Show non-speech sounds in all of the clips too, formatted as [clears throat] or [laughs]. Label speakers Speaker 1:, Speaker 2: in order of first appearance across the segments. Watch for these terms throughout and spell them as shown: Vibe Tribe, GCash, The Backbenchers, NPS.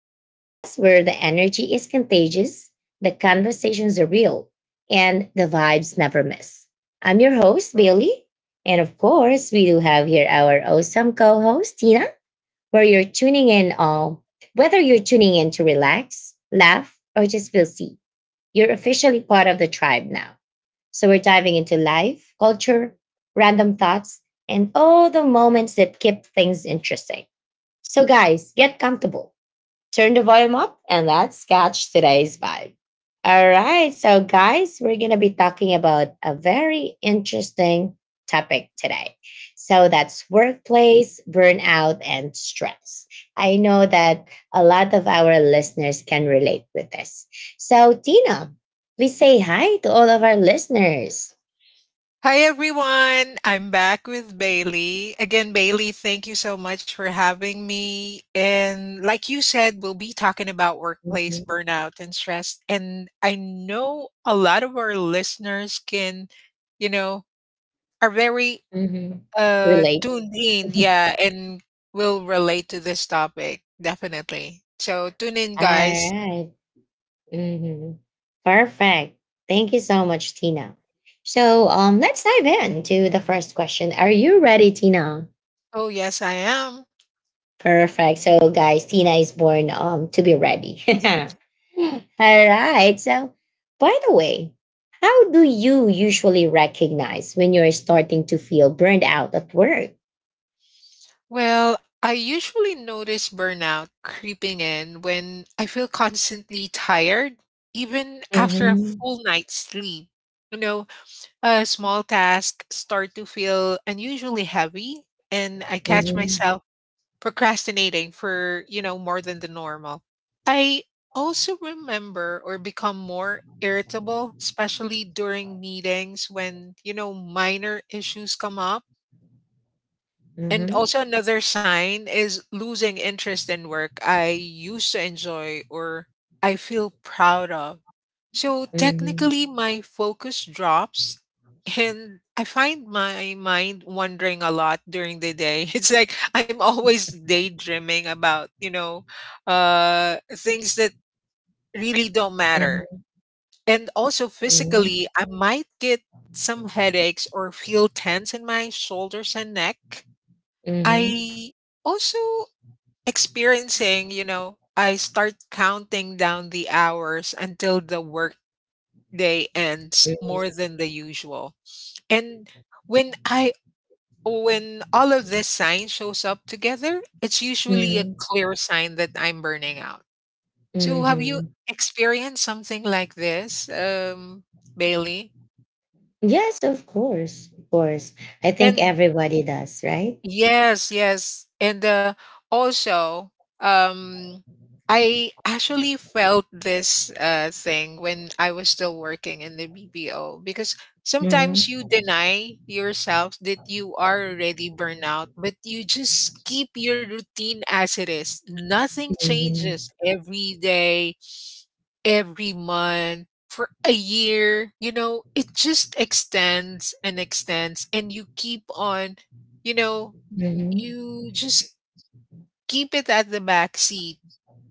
Speaker 1: the podcast where the energy is contagious, the conversations are real, and the vibes never miss. I'm your host, Bailey. And of course, we do have here our awesome co host, Tina, where you're tuning in all. Whether you're tuning in to relax, laugh, or just feel seen, you're officially part of the tribe now. So, we're diving into life, culture, random thoughts, and all the moments that keep things interesting. So, guys, get comfortable, turn the volume up, and let's catch today's vibe. All right. So, guys, we're going to be talking about a very interesting topic today. So, that's workplace, burnout, and stress. I know that a lot of our listeners can relate with this. So, Tina, please say hi to all of our listeners.
Speaker 2: Hi everyone, I'm back with Bailey. Again, Bailey, thank you so much for having me. And like you said, we'll be talking about workplace
Speaker 1: Mhm.
Speaker 2: burnout and stress. And I know a lot of our listeners can, you know, are very
Speaker 1: Mhm. Relate.
Speaker 2: tuned in, yeah, and will relate to this topic, definitely. So tune in,
Speaker 1: All
Speaker 2: guys.
Speaker 1: right. Hmm. Perfect. Thank you so much, Tina. So let's dive into the first question. Are you ready, Tina?
Speaker 2: Oh, yes, I am.
Speaker 1: Perfect. So guys, Tina is born to be ready. [laughs]
Speaker 2: [laughs]
Speaker 1: All right. So by the way, how do you usually recognize when you're starting to feel burned out at work?
Speaker 2: Well, I usually notice burnout creeping in when I feel constantly tired, even after a
Speaker 1: Mm-hmm.
Speaker 2: full night's sleep. You know, a small task start to feel unusually heavy, and I catch
Speaker 1: Mm-hmm.
Speaker 2: myself procrastinating for, more than the normal. I also remember or become more irritable, especially during meetings when, minor issues come up, and
Speaker 1: Mm-hmm.
Speaker 2: also another sign is losing interest in work I used to enjoy or I feel proud of. So
Speaker 1: Mm-hmm.
Speaker 2: technically my focus drops and I find my mind wandering a lot during the day. [laughs] It's like I'm always daydreaming about, things that really don't matter.
Speaker 1: Mm-hmm.
Speaker 2: And also physically I might get some headaches or feel tense in my shoulders and neck.
Speaker 1: Mm-hmm.
Speaker 2: I also experiencing, I start counting down the hours until the work day ends more than the usual. And when I when all of this sign shows up together, it's usually a
Speaker 1: Mm-hmm.
Speaker 2: clear sign that I'm burning out. So have you
Speaker 1: Mm-hmm.
Speaker 2: experienced something like this, Bailey?
Speaker 1: Yes, of course. Of course. I think
Speaker 2: And
Speaker 1: everybody does, right?
Speaker 2: yes, yes. And also, um, I actually felt this thing when I was still working in the BPO, because sometimes
Speaker 1: Mm-hmm.
Speaker 2: you deny yourself that you are already burnout, but you just keep your routine as it is. Nothing
Speaker 1: Mm-hmm.
Speaker 2: changes every day, every month. For a year, it just extends and extends, and you keep on you know
Speaker 1: Mm-hmm.
Speaker 2: you just keep it at the back seat,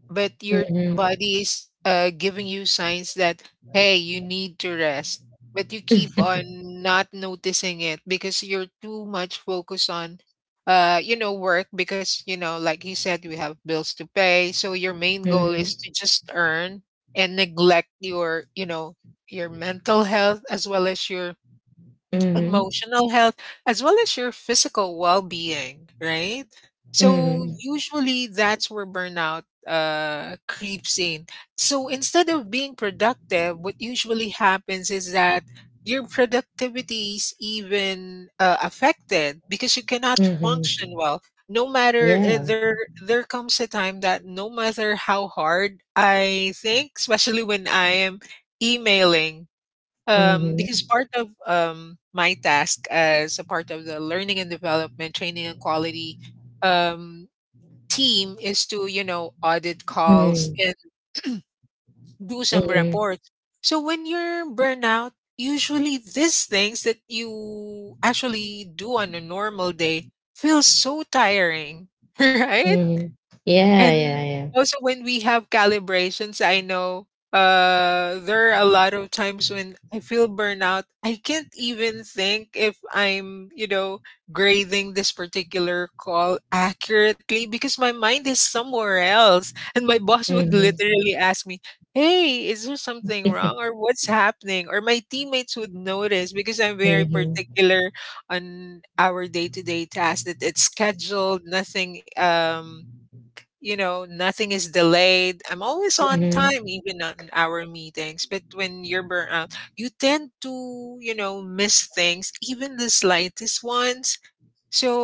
Speaker 2: but your
Speaker 1: Mm-hmm.
Speaker 2: body is giving you signs that, hey, you need to rest. But you keep on not noticing it because you're too much focused on, work. Because, like you said, we have bills to pay. So your main goal is
Speaker 1: Mm-hmm.
Speaker 2: to just earn and neglect your, your mental health as well as your
Speaker 1: Mm-hmm.
Speaker 2: emotional health as well as your physical well-being, right? So
Speaker 1: Mm-hmm.
Speaker 2: usually that's where burnout creeps in. So instead of being productive, what usually happens is that your productivity is even affected because you cannot function
Speaker 1: Mm-hmm.
Speaker 2: well. No matter
Speaker 1: Yeah.
Speaker 2: there There comes a time that no matter how hard I think, especially when I am emailing,
Speaker 1: Mm-hmm.
Speaker 2: because part of, my task as a part of the learning and development, training and quality um, team is to, audit calls
Speaker 1: Mm-hmm.
Speaker 2: and [clears throat] do some reports. So when you're burnout, usually these things that you actually do on a normal day feel so tiring, [laughs] right?
Speaker 1: Mm-hmm. Yeah,
Speaker 2: And
Speaker 1: yeah, yeah.
Speaker 2: also when we have calibrations, I know there are a lot of times when I feel burnout. I can't even think if I'm, grading this particular call accurately because my mind is somewhere else. [laughs] And my boss would
Speaker 1: Mm-hmm.
Speaker 2: literally ask me, "Hey, is there something wrong or what's happening?" Or my teammates would notice because I'm very
Speaker 1: Mm-hmm.
Speaker 2: particular on our day-to-day tasks that it's scheduled, nothing nothing is delayed. I'm always on time,
Speaker 1: Mm-hmm.
Speaker 2: even on our meetings. But when you're burnt out, you tend to, miss things, even the slightest ones.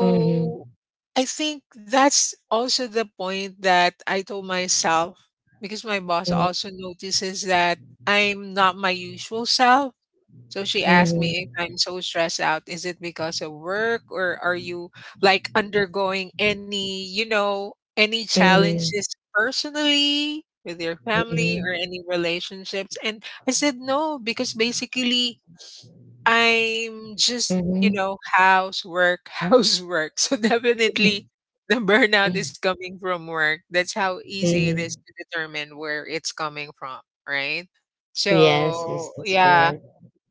Speaker 1: Mm-hmm.
Speaker 2: I think that's also the point that I told myself, because my boss
Speaker 1: Mm-hmm.
Speaker 2: also notices that I'm not my usual self, so she asked me if
Speaker 1: Mm-hmm.
Speaker 2: I'm so stressed out. Is it because of work, or are you like undergoing any, any
Speaker 1: Mm-hmm.
Speaker 2: challenges personally with your family or any relationships? And I said no, because basically I'm just,
Speaker 1: Mm-hmm.
Speaker 2: housework, [laughs] housework. So definitely the burnout is coming from work. That's how easy it is
Speaker 1: Mm-hmm.
Speaker 2: to determine where it's coming from, right?
Speaker 1: Yes, yes,
Speaker 2: So
Speaker 1: that's
Speaker 2: yeah,
Speaker 1: correct.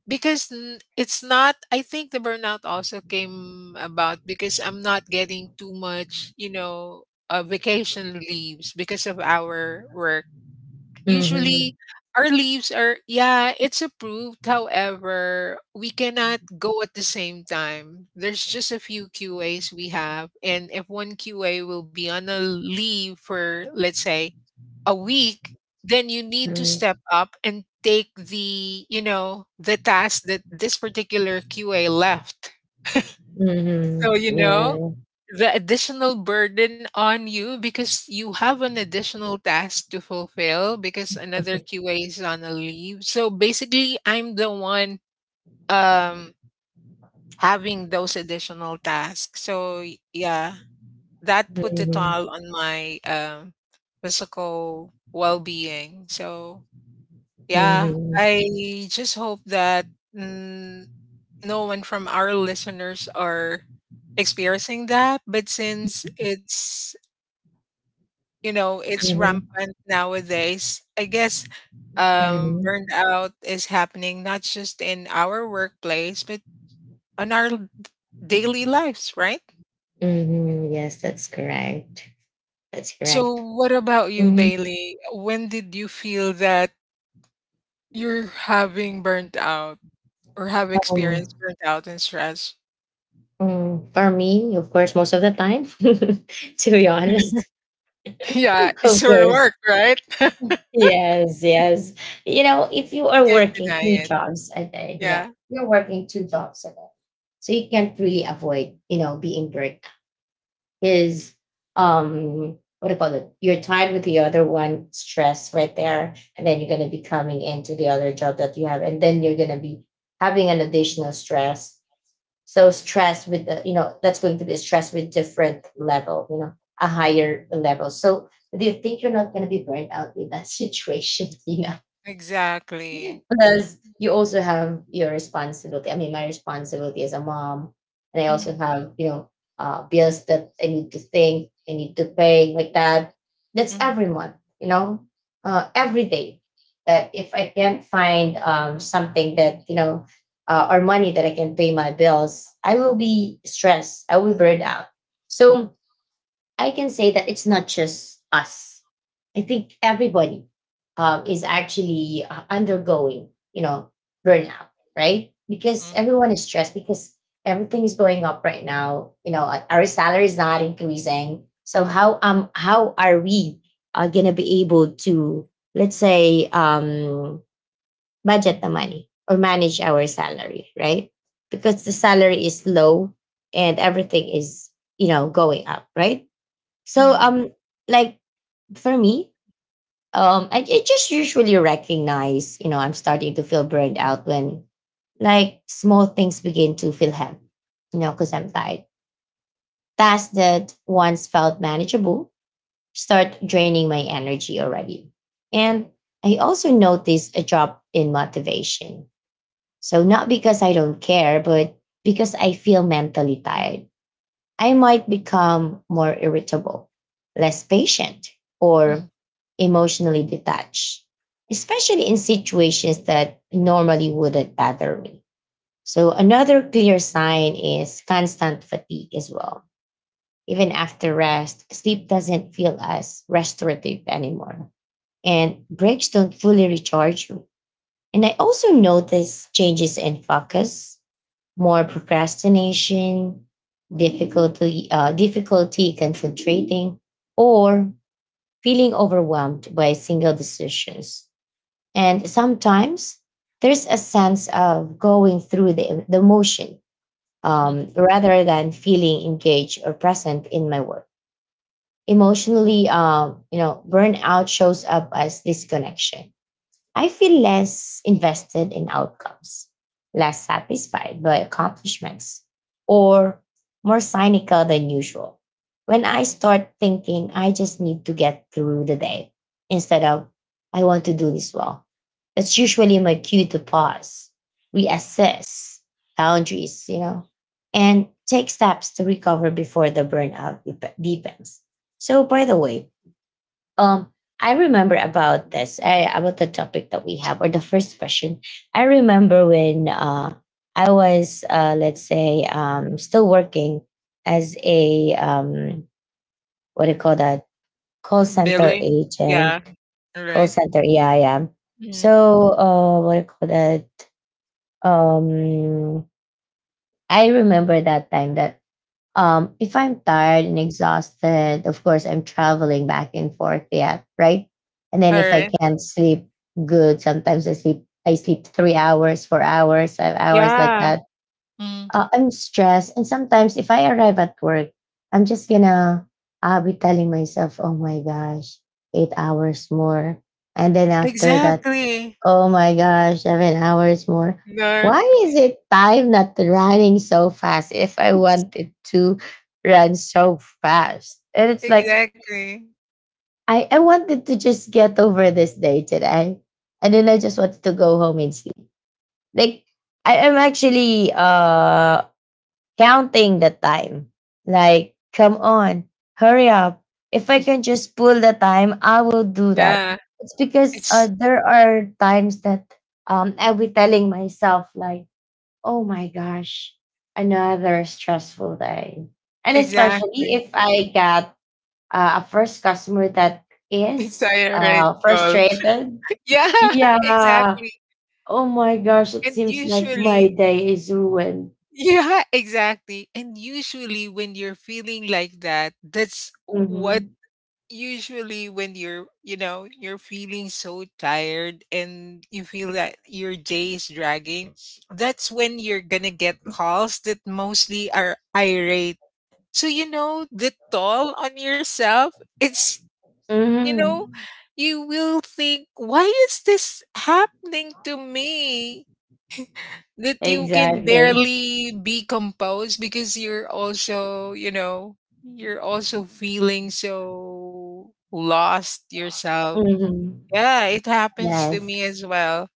Speaker 2: because it's not, I think the burnout also came about because I'm not getting too much, vacation leaves because of our work.
Speaker 1: Mm-hmm.
Speaker 2: Usually our leaves are, yeah, it's approved, however we cannot go at the same time. There's just a few QAs we have, and if one QA will be on a leave for let's say a week, then you need to step up and take the, the task that this particular QA left. So,
Speaker 1: Mm-hmm. Yeah.
Speaker 2: the additional burden on you because you have an additional task to fulfill because another QA is on a leave. So basically, I'm the one um having those additional tasks. So yeah, that put a
Speaker 1: Mhm,
Speaker 2: toll on my physical well-being. So yeah,
Speaker 1: mhm,
Speaker 2: I just hope that mm, no one from our listeners are experiencing that. But since it's, it's
Speaker 1: mhm,
Speaker 2: rampant nowadays, I guess
Speaker 1: mhm,
Speaker 2: burnout is happening not just in our workplace, but on our daily lives, right?
Speaker 1: mhm. Yes, that's correct. That's
Speaker 2: So,
Speaker 1: correct.
Speaker 2: what about you,
Speaker 1: Mm.
Speaker 2: Bailey? When did you feel that you're having burnt out or have
Speaker 1: Um,
Speaker 2: experienced burnt out and stress?
Speaker 1: for me, of course, most of the time, [laughs] to be honest,
Speaker 2: [laughs] Yeah, it's
Speaker 1: of
Speaker 2: your
Speaker 1: course.
Speaker 2: work, right? [laughs]
Speaker 1: Yes, yes. You know, if you
Speaker 2: You
Speaker 1: are
Speaker 2: can't
Speaker 1: working
Speaker 2: deny
Speaker 1: two
Speaker 2: it.
Speaker 1: jobs a day, yeah,
Speaker 2: Yeah,
Speaker 1: you're working two jobs a day, so you can't really avoid, you know, being burnt his what do you call it? Your time with the other one stress right there. And then you're gonna be coming into the other job that you have. And then you're gonna be having an additional stress. So stress with the, you know, that's going to be stress with different level, you know, a higher level. So do you think you're not gonna be burned out with that [laughs] situation, Tina?
Speaker 2: exactly.
Speaker 1: Plus, you also have your responsibility. I mean, my responsibility as a mom, and I also
Speaker 2: Mhm,
Speaker 1: have you know bills that I need to think, I need to pay, like that. That's
Speaker 2: mhm,
Speaker 1: every month, you know, every day. That if I can't find something that you know or money that I can pay my bills, I will be stressed. I will burn out. So I can say that it's not just us. I think everybody is actually undergoing, you know, burnout, right? Because
Speaker 2: mhm,
Speaker 1: everyone is stressed because everything is going up right now. You know, our salary is not increasing. So how are we gonna be able to let's say budget the money or manage our salary, right? Because the salary is low and everything is you know going up, right? So
Speaker 2: mhm,
Speaker 1: um like for me, I just usually recognize, you know, I'm starting to feel burned out when like small things begin to feel heavy, you know, because I'm tired. Tasks that once felt manageable start draining my energy already. And I also notice a drop in motivation. So not because I don't care, but because I feel mentally tired I might become more irritable, less patient,
Speaker 2: mhm,
Speaker 1: or emotionally detached, especially in situations that normally wouldn't bother me. So, another clear sign is constant fatigue as well. Even after rest, sleep doesn't feel as restorative anymore, and breaks don't fully recharge you. And I also notice changes in focus, more procrastination, difficulty concentrating, or feeling overwhelmed by single decisions. And sometimes there's a sense of going through the motion
Speaker 2: mhm.
Speaker 1: rather than feeling engaged or present in my work. Emotionally, you know, burnout shows up as disconnection. I feel less invested in outcomes, less satisfied by accomplishments, or more cynical than usual. When I start thinking I just need to get through the day instead of I want to do this well, that's usually my cue to pause, reassess boundaries, you know, and take steps to recover before the burnout deepens. So, by the way, um, I remember about this, about the topic that we have, or the first question. I remember when I was, let's say, still working as a, what do you call that, call center
Speaker 2: Billing. Yeah.
Speaker 1: agent,
Speaker 2: All
Speaker 1: call
Speaker 2: right.
Speaker 1: center, yeah, yeah. So,
Speaker 2: Mhm.
Speaker 1: what do you call that? Um, I remember that time that if I'm tired and exhausted, of course, I'm traveling back and forth yet, right? And then
Speaker 2: All
Speaker 1: if I
Speaker 2: right.
Speaker 1: can't sleep good, sometimes I sleep 3 hours, 4 hours, 5 hours like
Speaker 2: Yeah.
Speaker 1: that.
Speaker 2: Mhm.
Speaker 1: I'm stressed. And sometimes if I arrive at work, I'm just gonna, I'll be telling myself, oh my gosh, 8 hours more. And then after that,
Speaker 2: Exactly.
Speaker 1: oh my gosh, 7 hours more.
Speaker 2: No.
Speaker 1: Why is it time not running so fast if I
Speaker 2: It's
Speaker 1: wanted to run so fast? And it's like,
Speaker 2: exactly.
Speaker 1: I wanted to just get over this day today. And then I just wanted to go home and sleep. Like, I am actually counting the time. Like, come on, hurry up. If I can just pull the time, I will do that.
Speaker 2: Yeah.
Speaker 1: It's because
Speaker 2: It's
Speaker 1: there are times that I'll be telling myself, like, oh my gosh, another stressful day. And especially
Speaker 2: exactly.
Speaker 1: if
Speaker 2: [laughs]
Speaker 1: I got a first customer that
Speaker 2: It's
Speaker 1: is
Speaker 2: a right call.
Speaker 1: frustrated.
Speaker 2: [laughs] Yeah, [laughs]
Speaker 1: Yeah.
Speaker 2: exactly.
Speaker 1: Oh my gosh, it
Speaker 2: And
Speaker 1: seems like my
Speaker 2: usually
Speaker 1: day is ruined.
Speaker 2: yeah, exactly. And usually when you're feeling like that, that's what
Speaker 1: Mhm.
Speaker 2: usually when you're, you're feeling so tired and you feel that your day is dragging, that's when you're gonna get calls that mostly are irate. So, the toll on yourself, it's, Mm,
Speaker 1: Mhm.
Speaker 2: you will think, why is this happening to me? That you can
Speaker 1: Exactly.
Speaker 2: barely be composed because you're also, you're also feeling so lost yourself.
Speaker 1: Mhm.
Speaker 2: Yeah, it happens to
Speaker 1: Yes.
Speaker 2: me as well.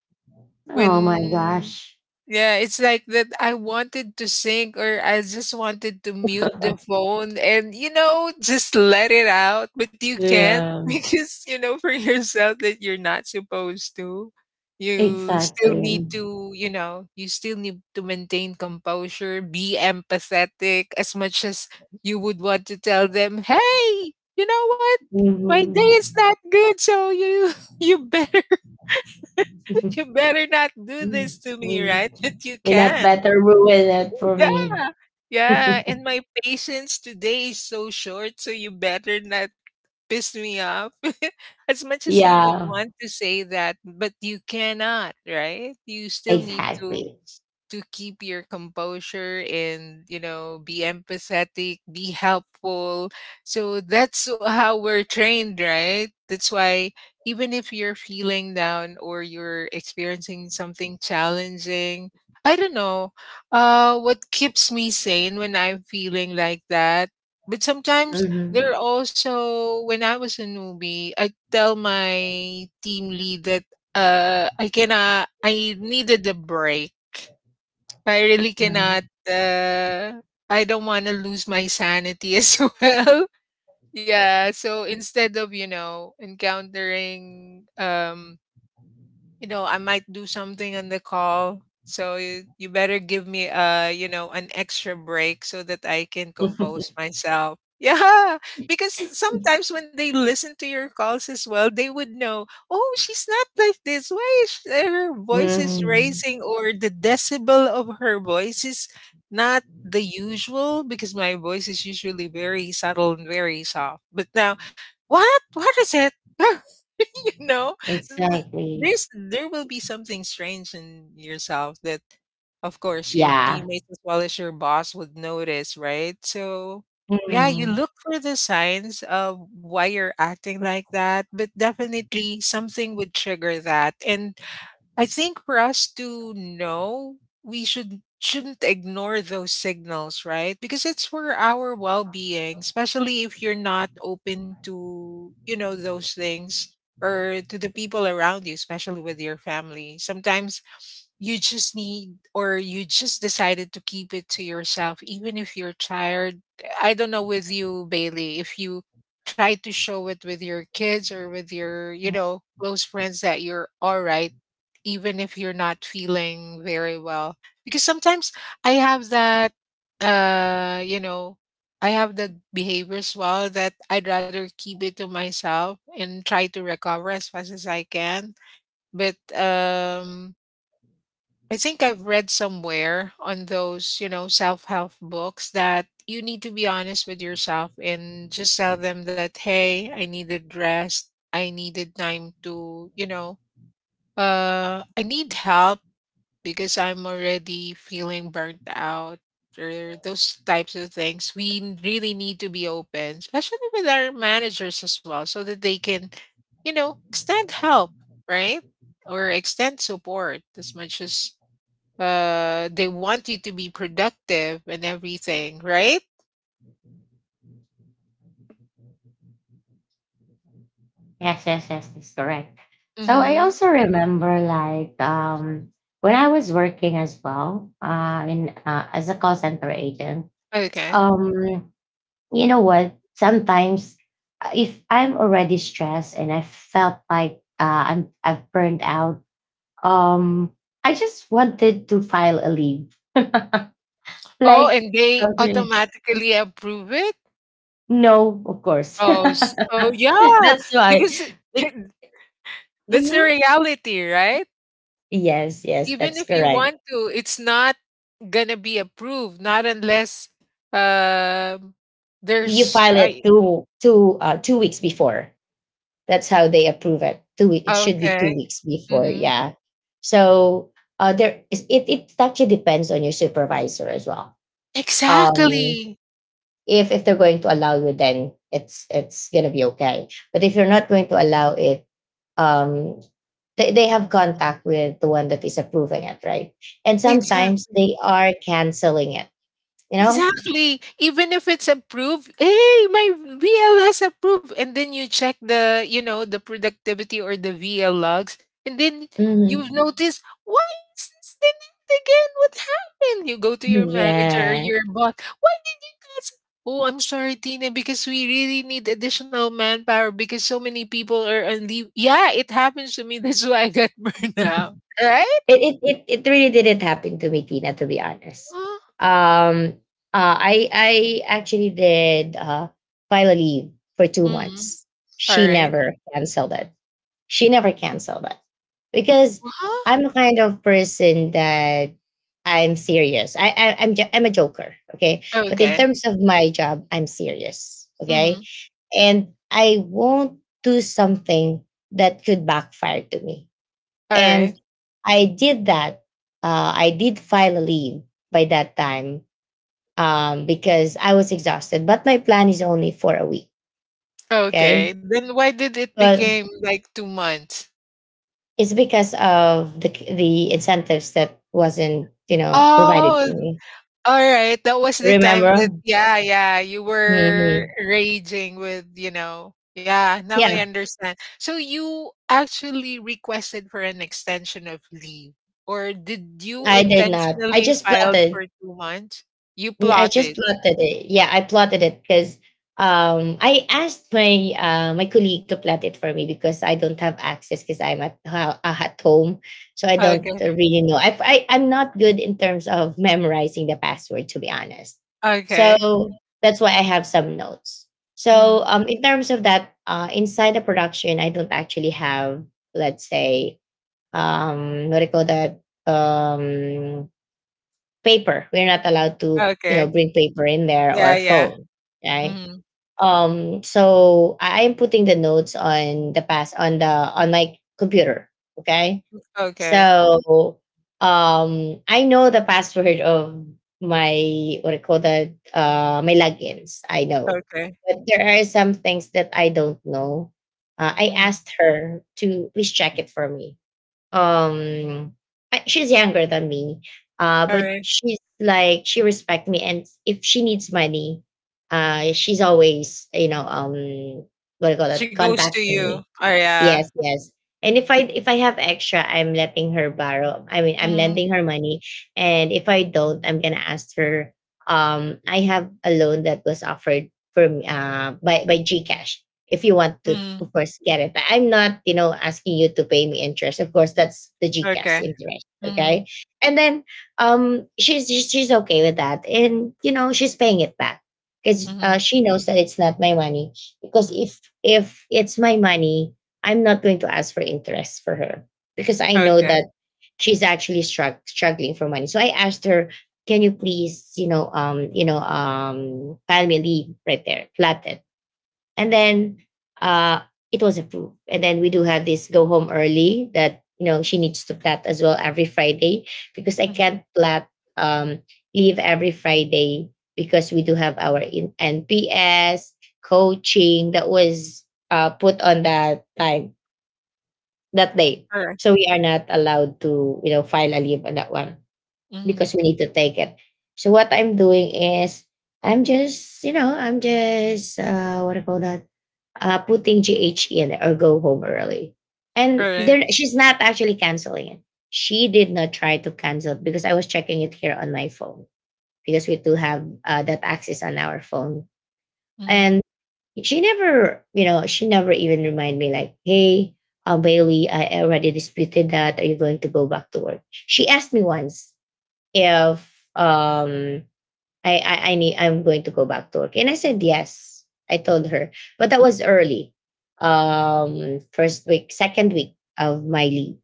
Speaker 1: Oh my
Speaker 2: When
Speaker 1: gosh.
Speaker 2: yeah, it's like that I wanted to sing or I just wanted to mute the phone and, just let it out, but you can't [laughs]
Speaker 1: Yeah.
Speaker 2: because you know for yourself that you're not supposed to. You still
Speaker 1: Exactly.
Speaker 2: need to, you still need to maintain composure, be empathetic as much as you would want to tell them, "Hey, you know what? My day
Speaker 1: Mhm.
Speaker 2: is not good, so you [laughs] you better not do
Speaker 1: Mm,
Speaker 2: this to me,
Speaker 1: mm.
Speaker 2: right?" [laughs] But
Speaker 1: [laughs]
Speaker 2: you
Speaker 1: You not
Speaker 2: can.
Speaker 1: better ruin it for me.
Speaker 2: Yeah. Yeah. And
Speaker 1: [laughs]
Speaker 2: my patience today is so short, so you better not piss me off. [laughs] as much as you would
Speaker 1: Yeah,
Speaker 2: want to say that, but you cannot, right? You still need to
Speaker 1: exactly.
Speaker 2: keep your composure and, you know, be empathetic, be helpful. So that's how we're trained, right? That's why even if you're feeling down or you're experiencing something challenging, I don't know what keeps me sane when I'm feeling like that. But sometimes
Speaker 1: Hmm.
Speaker 2: there are also when I was a newbie, I tell my team lead that, I cannot, I needed a break. I really cannot, uh, I don't wanna lose my sanity as [laughs] well. Yeah, so instead of, encountering, I might do something on the call. So you, better give me a, an extra break so that I can compose myself. [laughs] Yeah, because sometimes when they listen to your calls as well, they would know, oh, she's not like this. Why is her voice is
Speaker 1: Hmm. [laughs]
Speaker 2: raising, or the decibel of her voice is not the usual, because my voice is usually very subtle and very soft. But now, what? What is it? [laughs] [laughs] you know, Mm,
Speaker 1: Exactly.
Speaker 2: there will be something strange in yourself that, of course, your
Speaker 1: Yeah.
Speaker 2: teammates as well as your boss would notice, right? So, yeah, you
Speaker 1: Mhm.
Speaker 2: look for the signs of why you're acting like that, but definitely something would trigger that. And I think for us to know, we shouldn't ignore those signals, right? Because it's for our well-being, especially if you're not open to, those things or to the people around you, especially with your family. Sometimes you just need or you just decided to keep it to yourself even if you're tired. I don't know with you, Bailey, if you try to show it with your kids or with your, close friends that you're all right even if you're not feeling very well, because sometimes I have that uh you know I have that behavior as well, that I'd rather keep it to myself and try to recover as fast as I can. But I think I've read somewhere on those, self-help books that you need to be honest with yourself and just tell them that hey, I needed rest, I needed time to, I need help because I'm already feeling burnt out, or those types of things. We really need to be open, especially with our managers as well, so that they can, you know, extend help, right? Or extend support as much as they want you to be productive and everything, right?
Speaker 1: Yes, yes, yes, that's correct. So I
Speaker 2: Mm-hmm.
Speaker 1: also remember like when I was working as well, in as a call center agent.
Speaker 2: Okay.
Speaker 1: Um you know what, sometimes if I'm already stressed and I felt like I've burned out, um I just wanted to file a leave. [laughs]
Speaker 2: Oh,
Speaker 1: Like
Speaker 2: and they
Speaker 1: okay.
Speaker 2: automatically approve it?
Speaker 1: No, of course. [laughs]
Speaker 2: Oh, oh yeah,
Speaker 1: That's why.
Speaker 2: because
Speaker 1: Be-.
Speaker 2: [laughs] that's the
Speaker 1: Mhm.
Speaker 2: reality, right?
Speaker 1: Yes, yes,
Speaker 2: Even
Speaker 1: that's
Speaker 2: if you
Speaker 1: correct.
Speaker 2: want to, it's not gonna be approved, not unless um
Speaker 1: You
Speaker 2: there's
Speaker 1: file it
Speaker 2: I.
Speaker 1: 2 weeks before. That's how they approve it. 2 week. It should be two
Speaker 2: Okay.
Speaker 1: weeks before.
Speaker 2: Hmm.
Speaker 1: Yeah. So there is it. It actually depends on your supervisor as well. Um,
Speaker 2: Exactly.
Speaker 1: if they're going to allow you then it's gonna be okay but if you're not going to allow it um they have contact with the one that is approving it right and sometimes
Speaker 2: Exactly.
Speaker 1: they are canceling it you know.
Speaker 2: Exactly. Even if it's approved, hey, my VL has approved. And then you check the, you know, the productivity or the VL logs. And then
Speaker 1: Hmm.
Speaker 2: you've noticed, why is this denied again? What happened? You go to your manager or
Speaker 1: Yeah.
Speaker 2: your boss. Why? Yes. Oh, I'm sorry, Tina, because we really need additional manpower because so many people are on leave. Yeah, it happens to me. [laughs] That's why I got [laughs] burnout. Right?
Speaker 1: [laughs] it it really didn't happen to me, Tina. To be honest,
Speaker 2: Uh,
Speaker 1: um, I actually did file a leave for two
Speaker 2: hmm.
Speaker 1: months.
Speaker 2: All
Speaker 1: She
Speaker 2: right.
Speaker 1: never canceled it. She never canceled it. Because I'm
Speaker 2: Uh-huh.
Speaker 1: the kind of person that I'm serious. I'm a joker, okay. But in
Speaker 2: Okay.
Speaker 1: terms of my job, I'm serious,
Speaker 2: Mm-hmm.
Speaker 1: okay. And I won't do something that could backfire to me.
Speaker 2: All right.
Speaker 1: And I did that. I did file a leave by that time because I was exhausted. But my plan is only for a week,
Speaker 2: Okay.
Speaker 1: okay.
Speaker 2: Then why did it
Speaker 1: But
Speaker 2: become like 2 months?
Speaker 1: it's because of the incentives that wasn't, you know, provided to
Speaker 2: Oh,
Speaker 1: me.
Speaker 2: alright, that was the time that,
Speaker 1: Remember?
Speaker 2: yeah, yeah, you
Speaker 1: Hmm.
Speaker 2: were raging with, you know, yeah, now I
Speaker 1: Yeah,
Speaker 2: understand. So you actually requested for an extension of leave, or did you
Speaker 1: I did not. I
Speaker 2: intentionally
Speaker 1: just
Speaker 2: filed
Speaker 1: plotted.
Speaker 2: for 2 months? You
Speaker 1: I
Speaker 2: plotted.
Speaker 1: just plotted it. Yeah, I plotted it because I asked my colleague to plot it for me because I don't have access because I'm at at home, so I don't
Speaker 2: Okay,
Speaker 1: really know. I'm not good in terms of memorizing the password to be honest.
Speaker 2: okay.
Speaker 1: So that's why I have some notes. So
Speaker 2: Mhm,
Speaker 1: in terms of that, inside the production, I don't actually have let's say what do you call that paper. We're not allowed to, you know,
Speaker 2: okay.
Speaker 1: bring paper in there
Speaker 2: Yeah,
Speaker 1: or
Speaker 2: yeah.
Speaker 1: phone, right?
Speaker 2: Mhm,
Speaker 1: So I am putting the notes on the pass on the on my computer. Okay,
Speaker 2: okay,
Speaker 1: so I know the password of my what I call that my logins. I know,
Speaker 2: okay.
Speaker 1: but there are some things that I don't know. I
Speaker 2: Mhm,
Speaker 1: asked her to please check it for me. um she's younger than me but
Speaker 2: alright.
Speaker 1: she's like she respects me and if she needs money she's always you know what do you call
Speaker 2: She
Speaker 1: that
Speaker 2: goes to
Speaker 1: contacting
Speaker 2: you.
Speaker 1: me.
Speaker 2: Oh, yeah.
Speaker 1: Yes, yes. And if I have extra, I'm letting her borrow. I mean, I'm
Speaker 2: Mhm,
Speaker 1: lending her money. And if I don't, I'm gonna ask her. I have a loan that was offered for me by GCash. If you want to,
Speaker 2: mhm,
Speaker 1: of course, get it. But I'm not, you know, asking you to pay me interest. Of course, that's the GCash
Speaker 2: okay.
Speaker 1: interest.
Speaker 2: Mhm,
Speaker 1: Okay. And then she's okay with that, and you know, she's paying it back because
Speaker 2: mhm,
Speaker 1: she knows that it's not my money. Because if it's my money, I'm not going to ask for interest for her because I know
Speaker 2: okay.
Speaker 1: that struggling for money. So I asked her, "Can you please, file me a leave right there, flat it." And then uh, it was approved. And then we do have this go home early that you know she needs to flat as well every Friday because I
Speaker 2: Mhm.
Speaker 1: can't flat um, leave every Friday because we do have our NPS coaching that was put on that time that day.
Speaker 2: Alright.
Speaker 1: So we are not allowed to, you know, file a leave on that one
Speaker 2: Mhm.
Speaker 1: because we need to take it. So what I'm doing is I'm just what do you call that? Putting GH in or go home early. And there
Speaker 2: Alright.
Speaker 1: she's not actually canceling it. She did not try to cancel because I was checking it here on my phone because we do have that access on our phone.
Speaker 2: Mhm.
Speaker 1: And she never, you know, she never even remind me like, hey, Bailey, I already disputed that. Are you going to go back to work? She asked me once if um I'm going to go back to work, and I said yes. I told her, but that was early, first week, second week of my leave.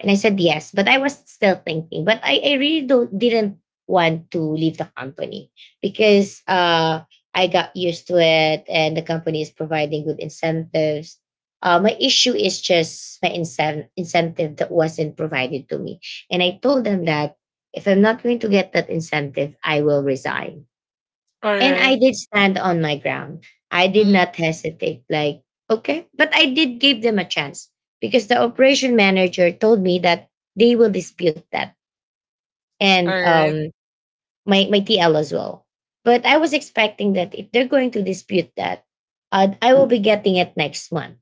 Speaker 1: And I said yes, but I was still thinking. But I really don't, didn't want to leave the company because I got used to it and the company is providing good incentives. My issue is just my incentive that wasn't provided to me. And I told them that if I'm not going to get that incentive, I will resign. And I
Speaker 2: Alright.
Speaker 1: did stand on my ground. I did
Speaker 2: Mhm.
Speaker 1: not hesitate, like, okay. But I did give them a chance because the operation manager told me that they will dispute that, and
Speaker 2: Alright.
Speaker 1: my TL as well. But I was expecting that if they're going to dispute that, I will be getting it next month,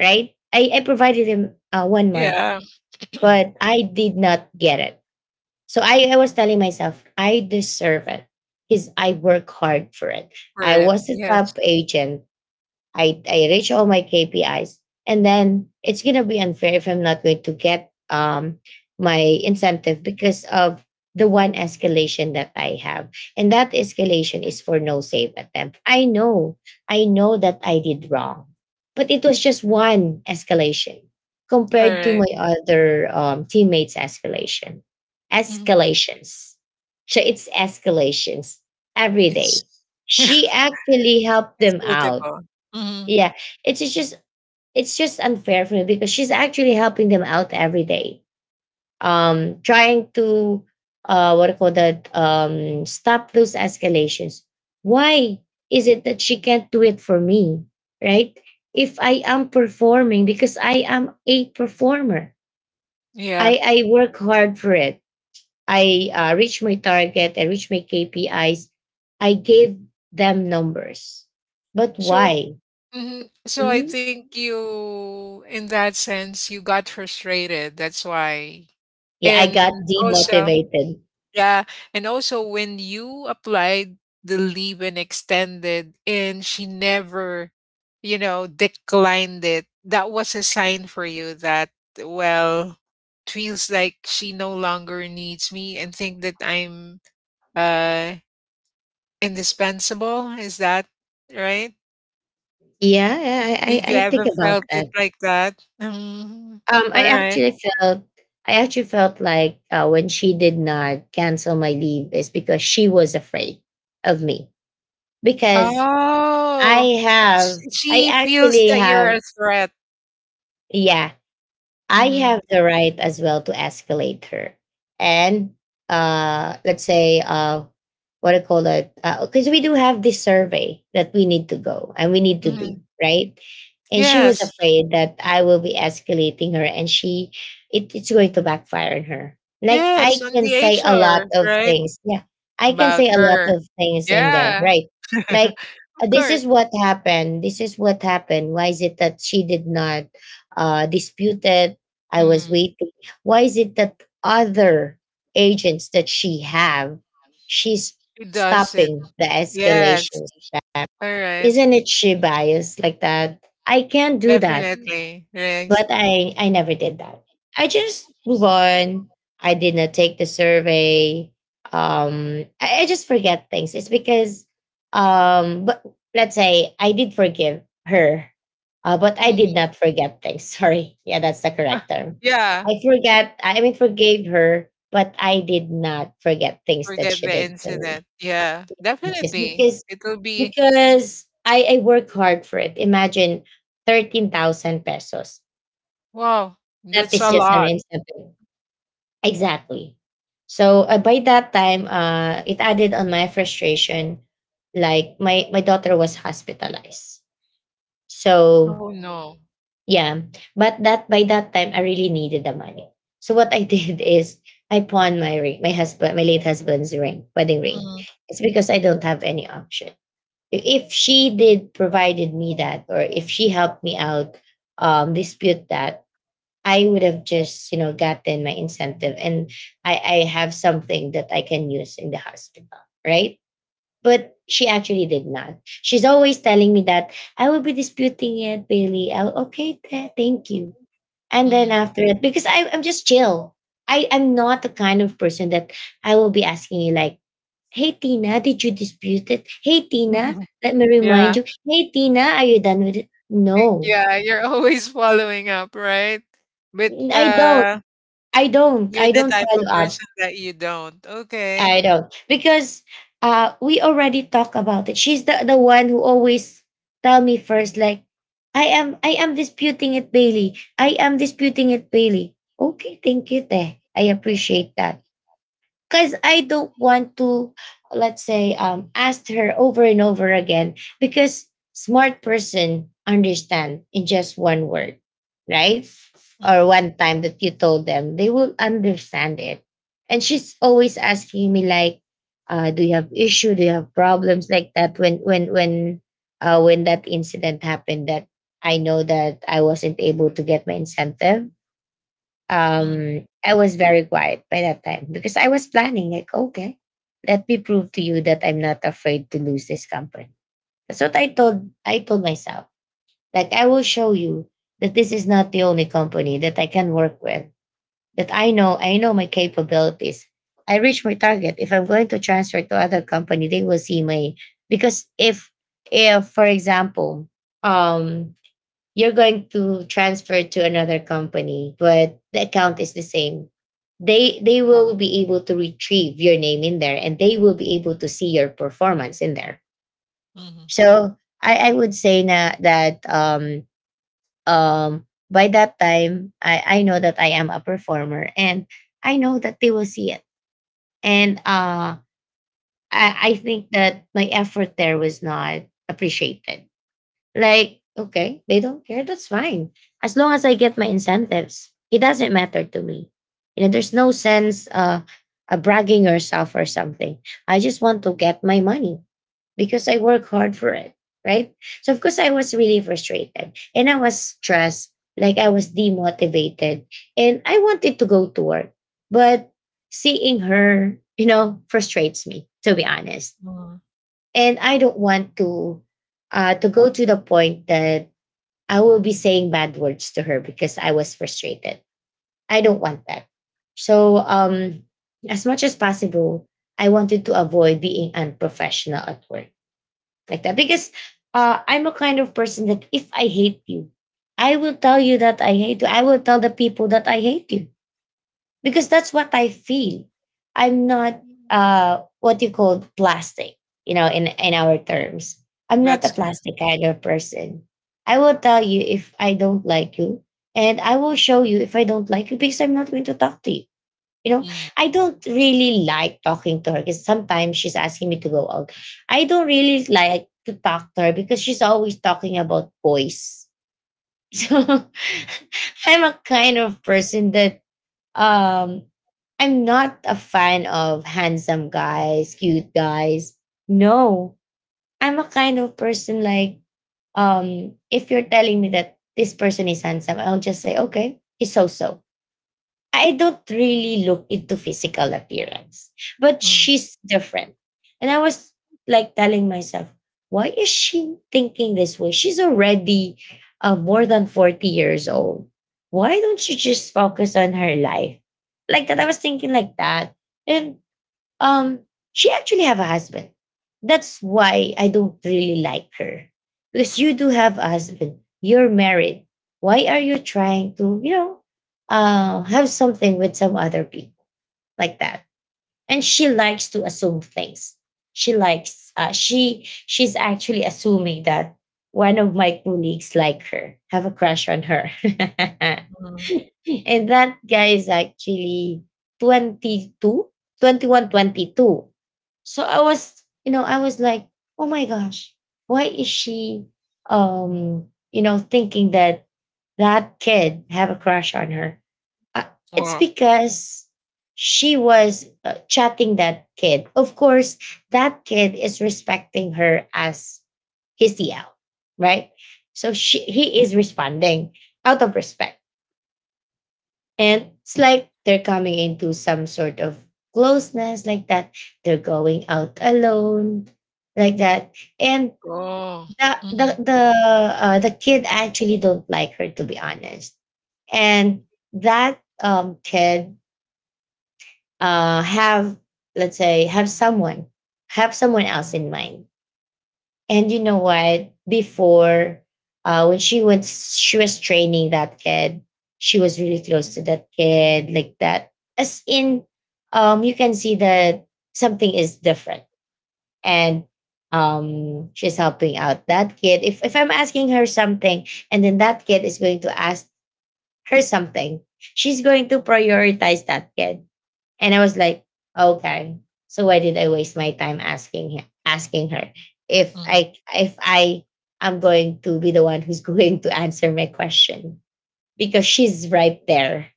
Speaker 1: right? I provided him one month,
Speaker 2: Yeah. [clears throat]
Speaker 1: but I did not get it. So I was telling myself, I deserve it because I work hard for it.
Speaker 2: For
Speaker 1: I
Speaker 2: it.
Speaker 1: was a
Speaker 2: Yes.
Speaker 1: top agent. I reach all my KPIs. And then it's going to be unfair if I'm not going to get my incentive because of the one escalation that I have. And that escalation is for no save attempt. I know that I did wrong, but it was just one escalation compared to
Speaker 2: Alright.
Speaker 1: my other teammates' escalation.
Speaker 2: Mhm.
Speaker 1: Escalations. So it's escalations every
Speaker 2: It's
Speaker 1: day. She
Speaker 2: [laughs]
Speaker 1: actually helped
Speaker 2: it's
Speaker 1: them out,
Speaker 2: multiple. Mhm.
Speaker 1: yeah, it's just it's just unfair for me because she's actually helping them out every day, trying to what do you call that, stop those escalations. Why is it that she can't do it for me, right? If I am performing, because I am a performer,
Speaker 2: Yeah.
Speaker 1: I work hard for it. I reach my target. I reach my KPIs. I gave them numbers, but
Speaker 2: So,
Speaker 1: why?
Speaker 2: mhm. So I
Speaker 1: Mm-hmm.
Speaker 2: think you, in that sense, you got frustrated, that's why.
Speaker 1: Yeah, I got
Speaker 2: And also,
Speaker 1: demotivated.
Speaker 2: yeah. And also when you applied the leave and extended and she never, you know, declined it, that was a sign for you that, well, it feels like she no longer needs me and think that I'm uh indispensable. Is that right?
Speaker 1: Yeah,
Speaker 2: Did
Speaker 1: I,
Speaker 2: you
Speaker 1: I, I
Speaker 2: ever
Speaker 1: think
Speaker 2: felt
Speaker 1: about
Speaker 2: it
Speaker 1: that.
Speaker 2: like that? Mm,
Speaker 1: Um, I
Speaker 2: all right.
Speaker 1: actually felt I actually felt like when she did not cancel my leave is because she was afraid of me because I
Speaker 2: Oh,
Speaker 1: have I
Speaker 2: she feels that
Speaker 1: actually
Speaker 2: you're a
Speaker 1: have,
Speaker 2: threat.
Speaker 1: yeah, I
Speaker 2: Mm-hmm.
Speaker 1: have the right as well to escalate her. And let's say, what I call it? Because we do have this survey that we need to go and we need to do,
Speaker 2: Hmm.
Speaker 1: right? And she was
Speaker 2: Yes.
Speaker 1: afraid that I will be escalating her and she, it's going to backfire on her. Like, I
Speaker 2: Yes, on
Speaker 1: can
Speaker 2: the
Speaker 1: say a lot
Speaker 2: HR,
Speaker 1: of
Speaker 2: right?
Speaker 1: things. Yeah. I can
Speaker 2: About
Speaker 1: say a lot
Speaker 2: her.
Speaker 1: of things in there,
Speaker 2: Yeah,
Speaker 1: right?
Speaker 2: [laughs]
Speaker 1: Like,
Speaker 2: of
Speaker 1: this
Speaker 2: course.
Speaker 1: is what happened. This is what happened. Why is it that she did not disputed I was
Speaker 2: Mm,
Speaker 1: waiting. Why is it that other agents that she have, she's
Speaker 2: he does it.
Speaker 1: stopping the
Speaker 2: Yes,
Speaker 1: escalations? That
Speaker 2: all right.
Speaker 1: isn't it? She biased like that. I can't do that,
Speaker 2: Definitely. Yes.
Speaker 1: but I never did that. I just move on. I did not take the survey. I just forget things. It's because, but let's say I did forgive her, but I did
Speaker 2: Mhm.
Speaker 1: not forget things. [laughs] Sorry, yeah, that's the
Speaker 2: [laughs]
Speaker 1: correct term.
Speaker 2: Yeah,
Speaker 1: I forget. I mean, forgave her, but I did not forget things that
Speaker 2: forget
Speaker 1: she
Speaker 2: the
Speaker 1: did to me.
Speaker 2: incident. Yeah,
Speaker 1: Just
Speaker 2: definitely.
Speaker 1: because
Speaker 2: It'll be,
Speaker 1: I work hard for it. Imagine 13,000 pesos
Speaker 2: wow,
Speaker 1: that
Speaker 2: that's
Speaker 1: is
Speaker 2: a
Speaker 1: just an
Speaker 2: lot.
Speaker 1: instant. Exactly. So by that time, it added on my frustration. Like my daughter was hospitalized. So
Speaker 2: Oh no.
Speaker 1: yeah, but that by that time, I really needed the money. So what I [laughs] did is I pawned my ring, my husband, my late husband's ring, wedding ring.
Speaker 2: Mm,
Speaker 1: It's because I don't have any option. If she did provided me that, or if she helped me out, dispute that, I would have just, you know, gotten my incentive and I have something that I can use in the hospital, right? But she actually did not. She's always telling me that I will be disputing it, Bailey. I'll, okay, thank you. And then
Speaker 2: mhm.
Speaker 1: after it, because I'm just chill. I'm not the kind of person that I will be asking you like, hey, Tina, did you dispute it? Hey, Tina,
Speaker 2: [laughs]
Speaker 1: let me remind
Speaker 2: Yeah.
Speaker 1: you. Hey, Tina, are you done with it?
Speaker 2: Eh,
Speaker 1: No,
Speaker 2: yeah, you're [laughs] always following up, right? But
Speaker 1: I don't.
Speaker 2: uh,
Speaker 1: I don't.
Speaker 2: you're
Speaker 1: I
Speaker 2: the
Speaker 1: don't
Speaker 2: type
Speaker 1: follow
Speaker 2: of
Speaker 1: up
Speaker 2: person that you don't.
Speaker 1: I
Speaker 2: Okay.
Speaker 1: don't because we already talked about it. She's the one who always tell me first like I am disputing it, Bailey. I am disputing it, Bailey. Okay, thank you, Teh. I appreciate that because I don't want to, let's say, ask her over and over again because smart person understand in just one word, right? Or
Speaker 2: Mhm,
Speaker 1: one time that you told them, they will understand it. And she's always asking me like, do you have issue? Do you have problems like that? When that incident happened, that I know that I wasn't able to get my incentive,
Speaker 2: mhm,
Speaker 1: I was very quiet by that time because I was planning like, okay, let me prove to you that I'm not afraid to lose this company. That's what I told myself. Like I will show you that this is not the only company that I can work with. That I know my capabilities. I reach my target. If I'm going to transfer to other company, they will see my because if, for example, um you're going to transfer to another company, but the account is the same. They will be able to retrieve your name in there and they will be able to see your performance in there.
Speaker 2: mhm,
Speaker 1: So I would say na, that um by that time, I know that I am a performer and I know that they will see it. And I think that my effort there was not appreciated. Like, okay, they don't care. That's fine. As long as I get my incentives, it doesn't matter to me. You know, there's no sense bragging yourself or something. I just want to get my money because I work hard for it, right? So of course I was really frustrated and I was stressed, like I was demotivated, and I wanted to go to work, but seeing her, you know, frustrates me to be honest,
Speaker 2: mhm.
Speaker 1: and I don't want to go to the point that I will be saying bad words to her because I was frustrated. I don't want that. So as much as possible, I wanted to avoid being unprofessional at work like that because I'm a kind of person that if I hate you, I will tell you that I hate you. I will tell the people that I hate you because that's what I feel. I'm not what you call plastic, you know, in our terms. I'm not a
Speaker 2: That's good.
Speaker 1: plastic kind of person. I will tell you if I don't like you, and I will show you if I don't like you because I'm not going to talk to you. You know,
Speaker 2: Mhm,
Speaker 1: I don't really like talking to her because sometimes she's asking me to go out. I don't really like to talk to her because she's always talking about boys. [laughs] So [laughs] I'm a kind of person that um, I'm not a fan of handsome guys, cute guys. No, I'm a kind of person like, if you're telling me that this person is handsome, I'll just say, okay, he's so so. I don't really look into physical appearance, but
Speaker 2: mhm,
Speaker 1: she's different. And I was like telling myself, why is she thinking this way? She's already more than 40 years old. Why don't you just focus on her life? Like that, I was thinking like that. And um she actually have a husband, that's why I don't really like her, because you do have a husband, you're married. Why are you trying to, have something with some other people, like that. And she likes to assume things. She likes she's actually assuming that one of my colleagues like her have a crush on her. [laughs]
Speaker 2: mhm.
Speaker 1: [laughs] and that guy is actually 22, 21, 22. So I was, I was like, oh my gosh, why is she um thinking that that kid have a crush on her. uh, it's
Speaker 2: Wow.
Speaker 1: because she was chatting that kid, of course. That kid is respecting her as his TL, right? So she he is responding out of respect, and it's like they're coming into some sort of closeness, like that. They're going out alone, like that. And
Speaker 2: Oh.
Speaker 1: the the
Speaker 2: Mhm,
Speaker 1: the the kid actually don't like her, to be honest. And that kid have, let's say, have someone else in mind. And you know what? Before, when she went, she was training that kid. She was really close to that kid, like that. As in, you can see that something is different, and she's helping out that kid. If I'm asking her something, and then that kid is going to ask her something, she's going to prioritize that kid, and I was like, okay. So why did I waste my time asking her if
Speaker 2: mhm.
Speaker 1: I am going to be the one who's [laughs] going to answer my question, because she's right there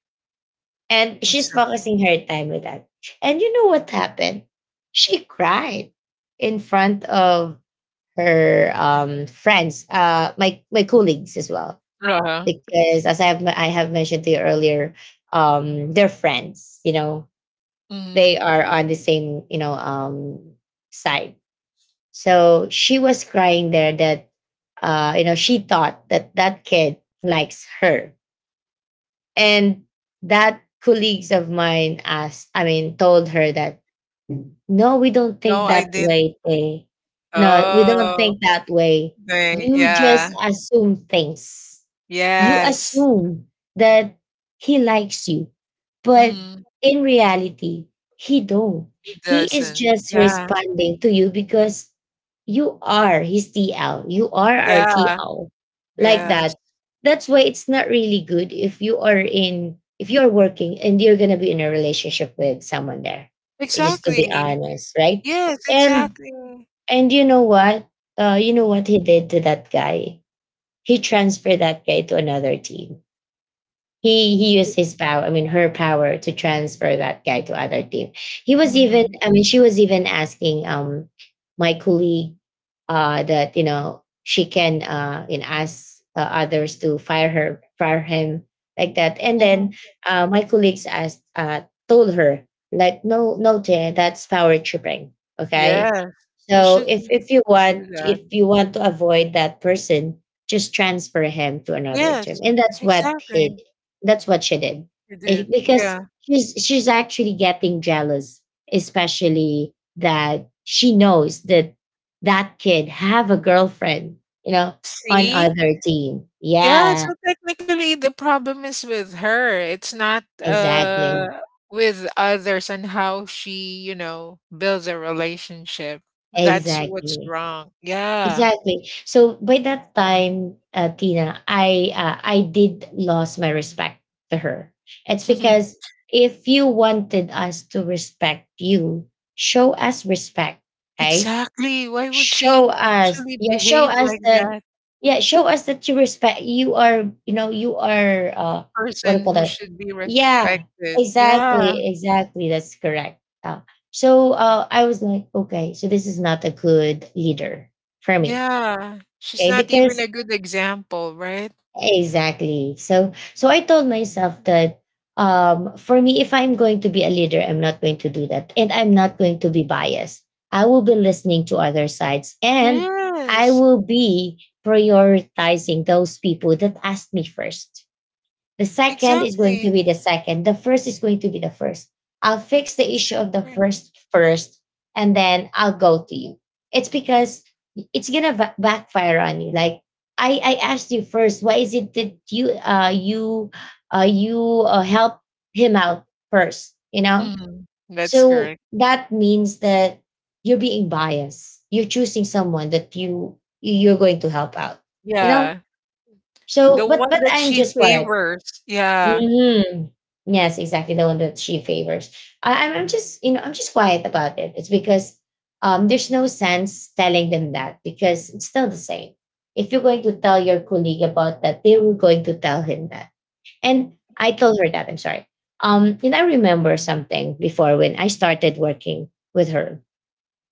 Speaker 1: and she's
Speaker 2: Okay.
Speaker 1: focusing her time with that. And you know what happened? She cried in front of her friends, my colleagues as well.
Speaker 2: Uh-huh.
Speaker 1: Because, as I have mentioned to you earlier, they're friends, you know,
Speaker 2: Mhm.
Speaker 1: they are on the same, side. So she was crying there that, she thought that that kid likes her. And that colleagues of mine asked, told her that no, we don't
Speaker 2: No,
Speaker 1: think
Speaker 2: I
Speaker 1: that
Speaker 2: didn't.
Speaker 1: way, Tay. No, we don't
Speaker 2: Oh,
Speaker 1: think that way.
Speaker 2: they,
Speaker 1: You just
Speaker 2: yeah.
Speaker 1: assume things. You
Speaker 2: Yes.
Speaker 1: assume that he likes you, but
Speaker 2: Mhm.
Speaker 1: in reality, he don't.
Speaker 2: It
Speaker 1: He is
Speaker 2: doesn't.
Speaker 1: just
Speaker 2: Yeah.
Speaker 1: responding to you because you are his TL. You are our
Speaker 2: Yeah.
Speaker 1: TL. Like
Speaker 2: Yes.
Speaker 1: that. That's why it's not really good if you are in, if you're working and you're going to be in a relationship with someone there, just to be
Speaker 2: Exactly.
Speaker 1: honest, right?
Speaker 2: Yes,
Speaker 1: And
Speaker 2: exactly.
Speaker 1: and you know what you know what he did to that guy. He transferred that guy to another team. He used his power, I mean her power, to transfer that guy to other team. He was even
Speaker 2: Mhm,
Speaker 1: I mean She was even asking, my colleague, that, you know, she can, ask others to fire him, like that. And then
Speaker 2: mhm.
Speaker 1: my colleagues asked, told her, like, no, no, dear, that's power tripping. Okay,
Speaker 2: Yes. You
Speaker 1: so
Speaker 2: should
Speaker 1: if if you want
Speaker 2: do
Speaker 1: if
Speaker 2: that.
Speaker 1: you want to avoid that person, just transfer him to another team.
Speaker 2: Yes.
Speaker 1: And that's what he
Speaker 2: Exactly.
Speaker 1: that's what she did.
Speaker 2: You did.
Speaker 1: Because
Speaker 2: Yeah.
Speaker 1: she's actually getting jealous, especially that she knows that that kid have a girlfriend, you know, on
Speaker 2: See?
Speaker 1: other team.
Speaker 2: Yeah,
Speaker 1: Yeah,
Speaker 2: so technically the problem is with her. It's not
Speaker 1: exactly.
Speaker 2: with others and how she, you know, builds a relationship. That's what's
Speaker 1: Exactly.
Speaker 2: wrong. Yeah.
Speaker 1: Exactly. So by that time, Tina, I did lost my respect to her. It's because
Speaker 2: [laughs]
Speaker 1: if you wanted us to respect you, show us respect, right?
Speaker 2: Exactly. Why would
Speaker 1: show
Speaker 2: she
Speaker 1: us
Speaker 2: actually
Speaker 1: yeah show
Speaker 2: behave
Speaker 1: us
Speaker 2: like
Speaker 1: that
Speaker 2: that,
Speaker 1: yeah Show us that you respect, you are, you know, you are, what do you
Speaker 2: person
Speaker 1: call
Speaker 2: who
Speaker 1: that
Speaker 2: should be
Speaker 1: yeah,
Speaker 2: respected? Yeah.
Speaker 1: exactly, exactly, that's correct. So I was like, okay, so this is not a good leader for me.
Speaker 2: Yeah. She's
Speaker 1: Okay,
Speaker 2: not even
Speaker 1: because.
Speaker 2: a good example, right?
Speaker 1: Exactly. So I told myself that, for me, if I'm going to be a leader, I'm not going to do that, and I'm not going to be biased. I will be listening to other sides, and I
Speaker 2: Yes.
Speaker 1: will be prioritizing those people that asked me first. The second is going to
Speaker 2: Exactly.
Speaker 1: be the second. The first is going to be the first. I'll fix the issue of the
Speaker 2: Exactly.
Speaker 1: first first, and then I'll go to you. It's because it's gonna backfire on you. Like I asked you first. Why is it that you help him out first? You know.
Speaker 2: Mhm. That's
Speaker 1: So
Speaker 2: correct.
Speaker 1: that means that you're being biased. You're choosing someone that you're going to help out. You know.
Speaker 2: Yeah. The
Speaker 1: So,
Speaker 2: one
Speaker 1: but
Speaker 2: that
Speaker 1: I'm
Speaker 2: she
Speaker 1: just worried.
Speaker 2: favors. Yeah.
Speaker 1: Hmm. Yes, exactly the one that she favors. I'm just, you know, I'm just quiet about it. It's because, there's no sense telling them that, because it's still the same. If you're going to tell your colleague about that, they were going to tell him that. And I told her that. I'm sorry. And I remember something before when I started working with her.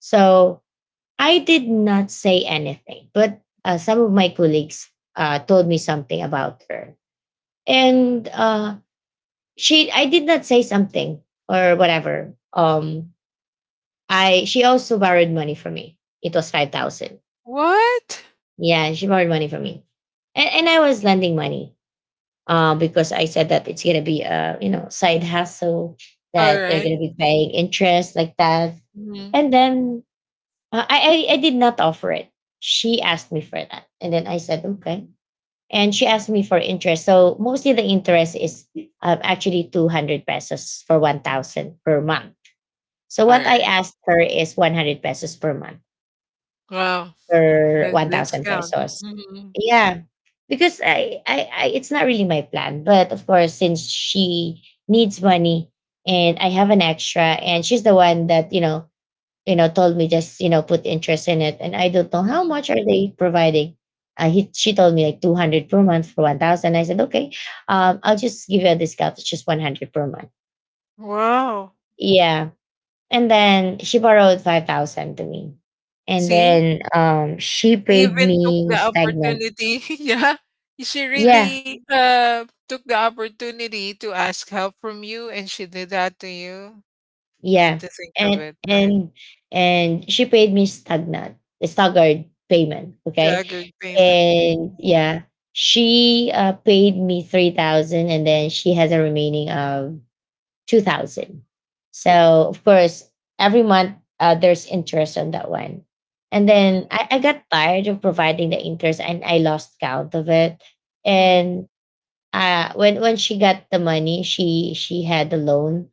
Speaker 1: So I did not say anything, but some of my colleagues told me something about her, and she I did not say something or whatever. I She also borrowed money from me. It was 5,000.
Speaker 2: What?
Speaker 1: Yeah, she borrowed money from me. And I was lending money because I said that it's gonna be a, you know, side hustle, that they're
Speaker 2: Alright.
Speaker 1: gonna be paying interest, like that.
Speaker 2: Mhm.
Speaker 1: And then, I did not offer it. She asked me for that. And then I said okay. And she asked me for interest. So mostly the interest is, actually 200 pesos for 1,000 per month. So what I
Speaker 2: Alright.
Speaker 1: asked her is 100 pesos per month
Speaker 2: Wow.
Speaker 1: or
Speaker 2: The
Speaker 1: 1,000
Speaker 2: discount.
Speaker 1: pesos.
Speaker 2: Mhm,
Speaker 1: Yeah, because I, it's not really my plan. But of course, since she needs money, and I have an extra, and she's the one that, told me, just, you know, put interest in it, and I don't know how
Speaker 2: mhm.
Speaker 1: much are they providing. She told me like 200 per month for 1,000. I said okay, I'll just give you a discount. It's just 100 per month.
Speaker 2: Wow.
Speaker 1: Yeah. And then she borrowed 5,000 to me. And
Speaker 2: See?
Speaker 1: then she
Speaker 2: She
Speaker 1: paid
Speaker 2: even took
Speaker 1: me
Speaker 2: the
Speaker 1: stagnant.
Speaker 2: opportunity. [laughs] Yeah. She
Speaker 1: Yeah,
Speaker 2: really, took the opportunity to ask help from you, and she did that to you. Come
Speaker 1: yeah.
Speaker 2: to think of
Speaker 1: And
Speaker 2: it,
Speaker 1: and
Speaker 2: right?
Speaker 1: and she paid me stagnant, staggered payment, okay?
Speaker 2: Staggered payment.
Speaker 1: And yeah, she paid me 3,000, and then she has a remaining of 2,000. So, of course, every month there's interest on that one. And then
Speaker 2: Mhm,
Speaker 1: I got tired of providing the interest, and I lost count of it.
Speaker 2: mhm,
Speaker 1: And when she got the money, she had the loan.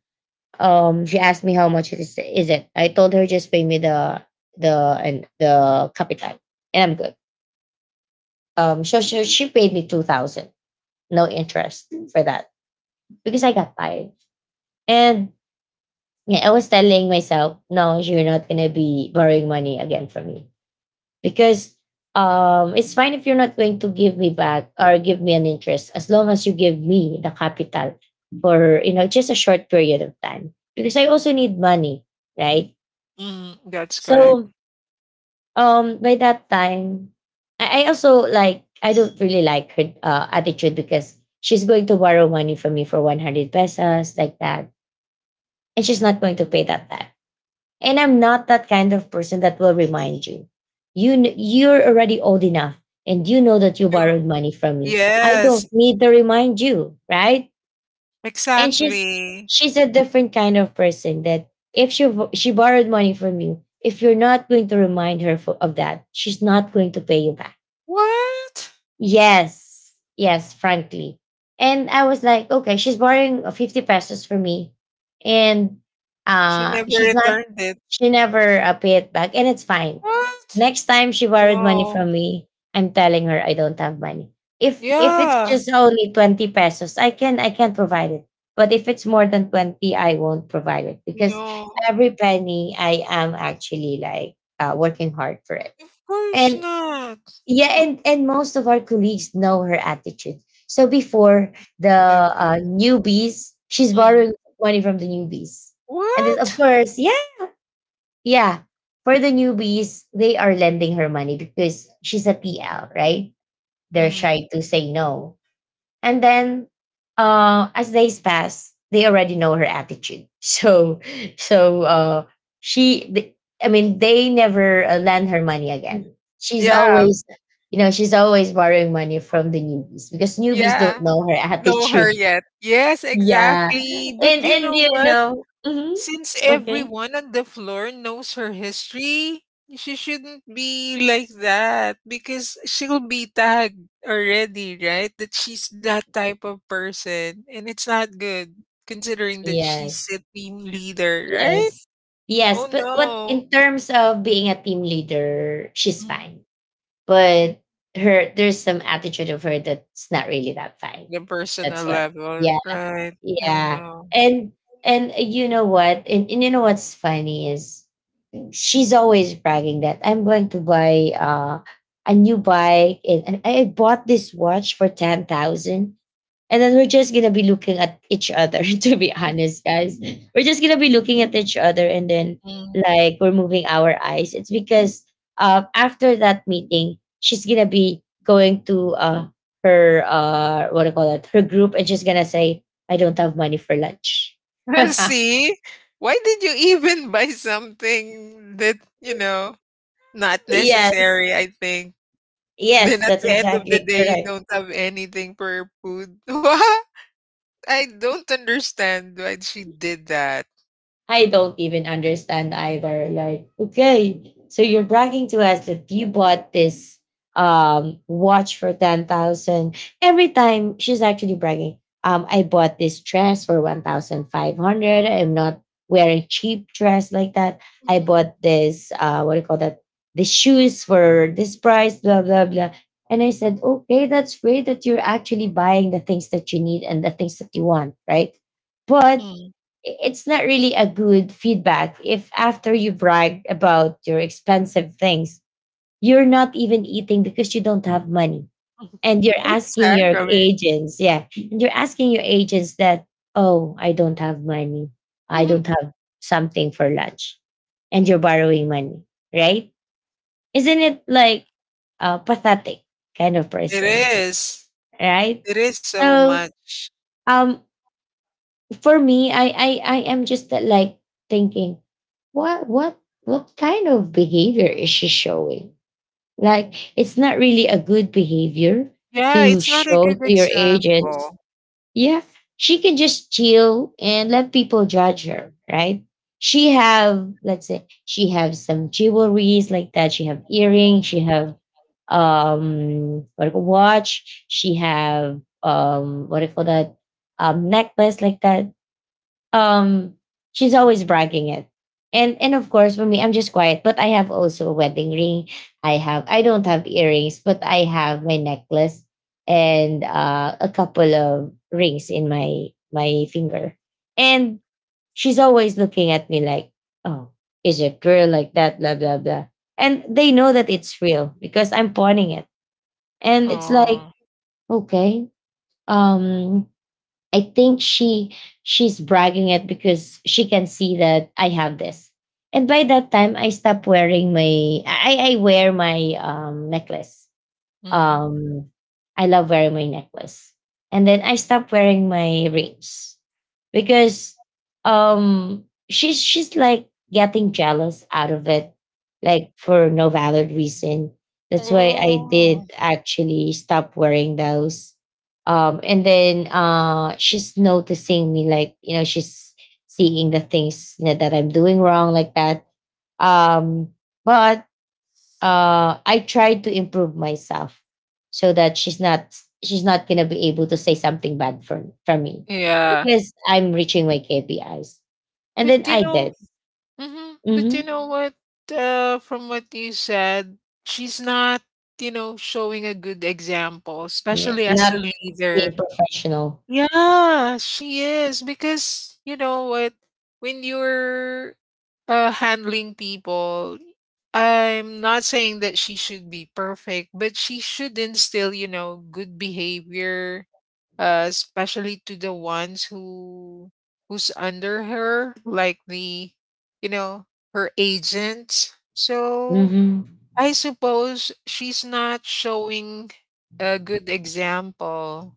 Speaker 1: She asked me how much it is it. I told her, just pay me the and the capital, and I'm good. So she paid me 2,000, no interest for that because I got tired. And yeah, I was telling myself, no, you're not gonna be borrowing money again from me because, it's fine if you're not going to give me back or give me an interest, as long as you give me the capital for, you know, just a short period of time, because I also need money, right?
Speaker 2: mhm. That's correct.
Speaker 1: So, by that time, I also, like, I don't really like her attitude, because she's going to borrow money from me for 100 pesos like that, and she's not going to pay that back. And I'm not that kind of person that will remind you. You're already old enough and you know that you
Speaker 2: True.
Speaker 1: borrowed money from me. I
Speaker 2: Yes.
Speaker 1: don't need to remind you, right? And
Speaker 2: Exactly.
Speaker 1: she's a different kind of person that if she borrowed money from you, if you're not going to remind her of that, she's not going to pay you back.
Speaker 2: What?
Speaker 1: Yes. Yes, frankly. And I was like, okay, she's borrowing, 50 pesos from me, and
Speaker 2: She never
Speaker 1: she's not,
Speaker 2: returned it.
Speaker 1: she never pay it back, and it's fine.
Speaker 2: What?
Speaker 1: Next time she borrowed money
Speaker 2: No.
Speaker 1: from me, I'm telling her I don't have money. If it's
Speaker 2: Yeah.
Speaker 1: just only 20 pesos, I can provide it. But if it's more than 20, I won't provide it, because
Speaker 2: No.
Speaker 1: every penny I am actually like, working hard for it.
Speaker 2: Of course
Speaker 1: And
Speaker 2: not.
Speaker 1: yeah, and most of our colleagues know her attitude. So before, the
Speaker 2: It's like that.
Speaker 1: newbies, she's
Speaker 2: Mm.
Speaker 1: borrowing money from the newbies. And then, of
Speaker 2: What?
Speaker 1: course, yeah, yeah, for the newbies, they are lending her money because she's a PL, right? They're
Speaker 2: Mm.
Speaker 1: shy to say no. And then as days pass, they already know her attitude. [laughs] So so uh she th- I mean they never lend her money again. She's
Speaker 2: Yeah.
Speaker 1: always she's always borrowing money from the newbies because newbies don't
Speaker 2: Yeah.
Speaker 1: know her [laughs]
Speaker 2: Know her
Speaker 1: attitude.
Speaker 2: yet. Yes,
Speaker 1: Yeah.
Speaker 2: exactly. But you know what?
Speaker 1: Mhm.
Speaker 2: Since
Speaker 1: Okay.
Speaker 2: everyone on the floor knows her history, she shouldn't be like that because she'll be tagged already, right? That she's that type of person. And it's not good considering that she's
Speaker 1: Yes.
Speaker 2: a team leader, right?
Speaker 1: Yes. Yes,
Speaker 2: Oh
Speaker 1: but what
Speaker 2: no.
Speaker 1: in terms of being a team leader, she's
Speaker 2: Mm.
Speaker 1: fine. But her there's some attitude of her that's not really that fine.
Speaker 2: The personal
Speaker 1: That's what.
Speaker 2: level,
Speaker 1: Yeah.
Speaker 2: right? Oh
Speaker 1: Yeah.
Speaker 2: no.
Speaker 1: And you know what's funny is she's always bragging that I'm going to buy a new bike and I bought this watch for 10,000 and then we're just gonna be looking at each other, [laughs] to be honest, guys. We're just gonna be looking at each other and then
Speaker 2: Mm.
Speaker 1: like we're moving our eyes. It's because after that meeting, she's gonna be going to her what do you call that, her group and she's gonna say, I don't have money for lunch.
Speaker 2: [laughs] See? Why did you even buy something that, you know, not
Speaker 1: [laughs] Yes.
Speaker 2: necessary, I think? Then
Speaker 1: Yes,
Speaker 2: at
Speaker 1: that's
Speaker 2: the end of the
Speaker 1: exactly
Speaker 2: day, you
Speaker 1: correct.
Speaker 2: don't have anything for your food. [laughs] What? I don't understand why she did that.
Speaker 1: I don't even understand either. Like, okay, so you're bragging to us that you bought this watch for 10,000. Every time she's actually bragging, I bought this dress for 1,500. I'm not wearing cheap dress like that. I
Speaker 2: Mhm.
Speaker 1: bought this what do you call that? The shoes for this price, blah blah blah. And I said, okay, that's great that you're actually buying the things that you need and the things that you want, right? But
Speaker 2: Mm.
Speaker 1: it's not really a good feedback if after you brag about your expensive things, you're not even eating because you don't have money. And you're asking your
Speaker 2: Exactly.
Speaker 1: agents, yeah, and you're asking your agents that, oh, I don't have money. I don't
Speaker 2: Mhm.
Speaker 1: have something for lunch. And you're borrowing money, right? Isn't it like a pathetic kind of
Speaker 2: It
Speaker 1: person,
Speaker 2: is.
Speaker 1: right?
Speaker 2: It is so
Speaker 1: So,
Speaker 2: much.
Speaker 1: um, for me, I am just that, like thinking, what what what kind of behavior is she showing? Like it's not really a good behavior
Speaker 2: Yeah,
Speaker 1: to
Speaker 2: it's not a
Speaker 1: show
Speaker 2: good
Speaker 1: to your agents.
Speaker 2: example.
Speaker 1: Yeah, she can just chill and let people judge her, right? She have, let's say she have some jewelries like that. She have earrings. She have what do you call- watch. She have what do you call that, necklace like that, um she's always bragging it, and of course for me I'm just quiet, but I have also a wedding ring. I have, I don't have earrings but I have my necklace, and a couple of rings in my finger. And she's always looking at me like, oh, is it real, like that, blah blah blah. And they know that it's real because I'm pointing it. And it's like
Speaker 2: Oh.
Speaker 1: okay, um I think she's bragging it because she can see that I have this. And by that time I stopped wearing my I wear my necklace.
Speaker 2: Mm.
Speaker 1: um I love wearing my necklace. And then I stopped wearing my rings because she's like getting jealous out of it, like for no valid reason. That's why I
Speaker 2: Oh.
Speaker 1: did actually stop wearing those. And then she's noticing me like, you know, she's seeing the things, you know, that I'm doing wrong like that. Um but I tried to improve myself so that she's not gonna be able to say something bad from me
Speaker 2: Yeah.
Speaker 1: because I'm reaching my KPIs. And
Speaker 2: But
Speaker 1: then
Speaker 2: you
Speaker 1: I
Speaker 2: know,
Speaker 1: did.
Speaker 2: but you
Speaker 1: Hmm.
Speaker 2: know what? From what you said, she's not, you know, showing a good example,
Speaker 1: Yeah,
Speaker 2: especially as
Speaker 1: not
Speaker 2: a
Speaker 1: being
Speaker 2: leader.
Speaker 1: professional.
Speaker 2: Yeah, she is because you know what, when you're handling people, I'm not saying that she should be perfect, but she should instill, you know, good behavior, especially to the ones who who's under her, like the, you know, her agent. So
Speaker 1: Hmm.
Speaker 2: I suppose she's not showing a good example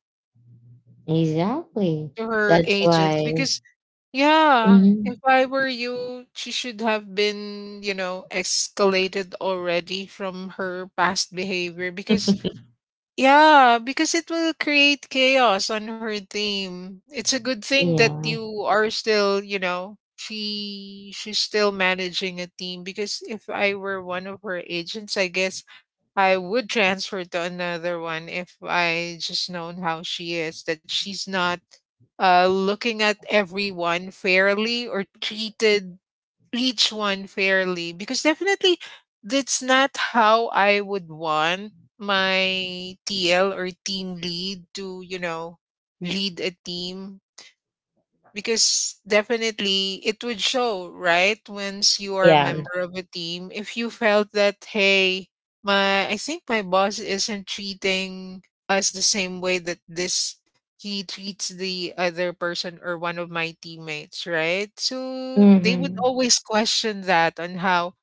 Speaker 1: Exactly.
Speaker 2: to her
Speaker 1: That's
Speaker 2: agents
Speaker 1: why.
Speaker 2: because, yeah, if
Speaker 1: Mhm.
Speaker 2: I were you, she should have been, you know, escalated already from her past behavior because,
Speaker 1: [laughs]
Speaker 2: yeah, because it will create chaos on her team. It's a good thing that
Speaker 1: Yeah.
Speaker 2: you are still, you know, she she's still managing a team because if I were one of her agents, I guess I would transfer to another one if I just known how she is, that she's not looking at everyone fairly or treated each one fairly. Because definitely that's not how I would want my TL or team lead to, you know, lead a team because definitely it would show right once you are a
Speaker 1: Yeah.
Speaker 2: member of a team if you felt that, hey, my, I think my boss isn't treating us the same way that this he treats the other person or one of my teammates, right? So they would
Speaker 1: Hmm.
Speaker 2: always question that, on how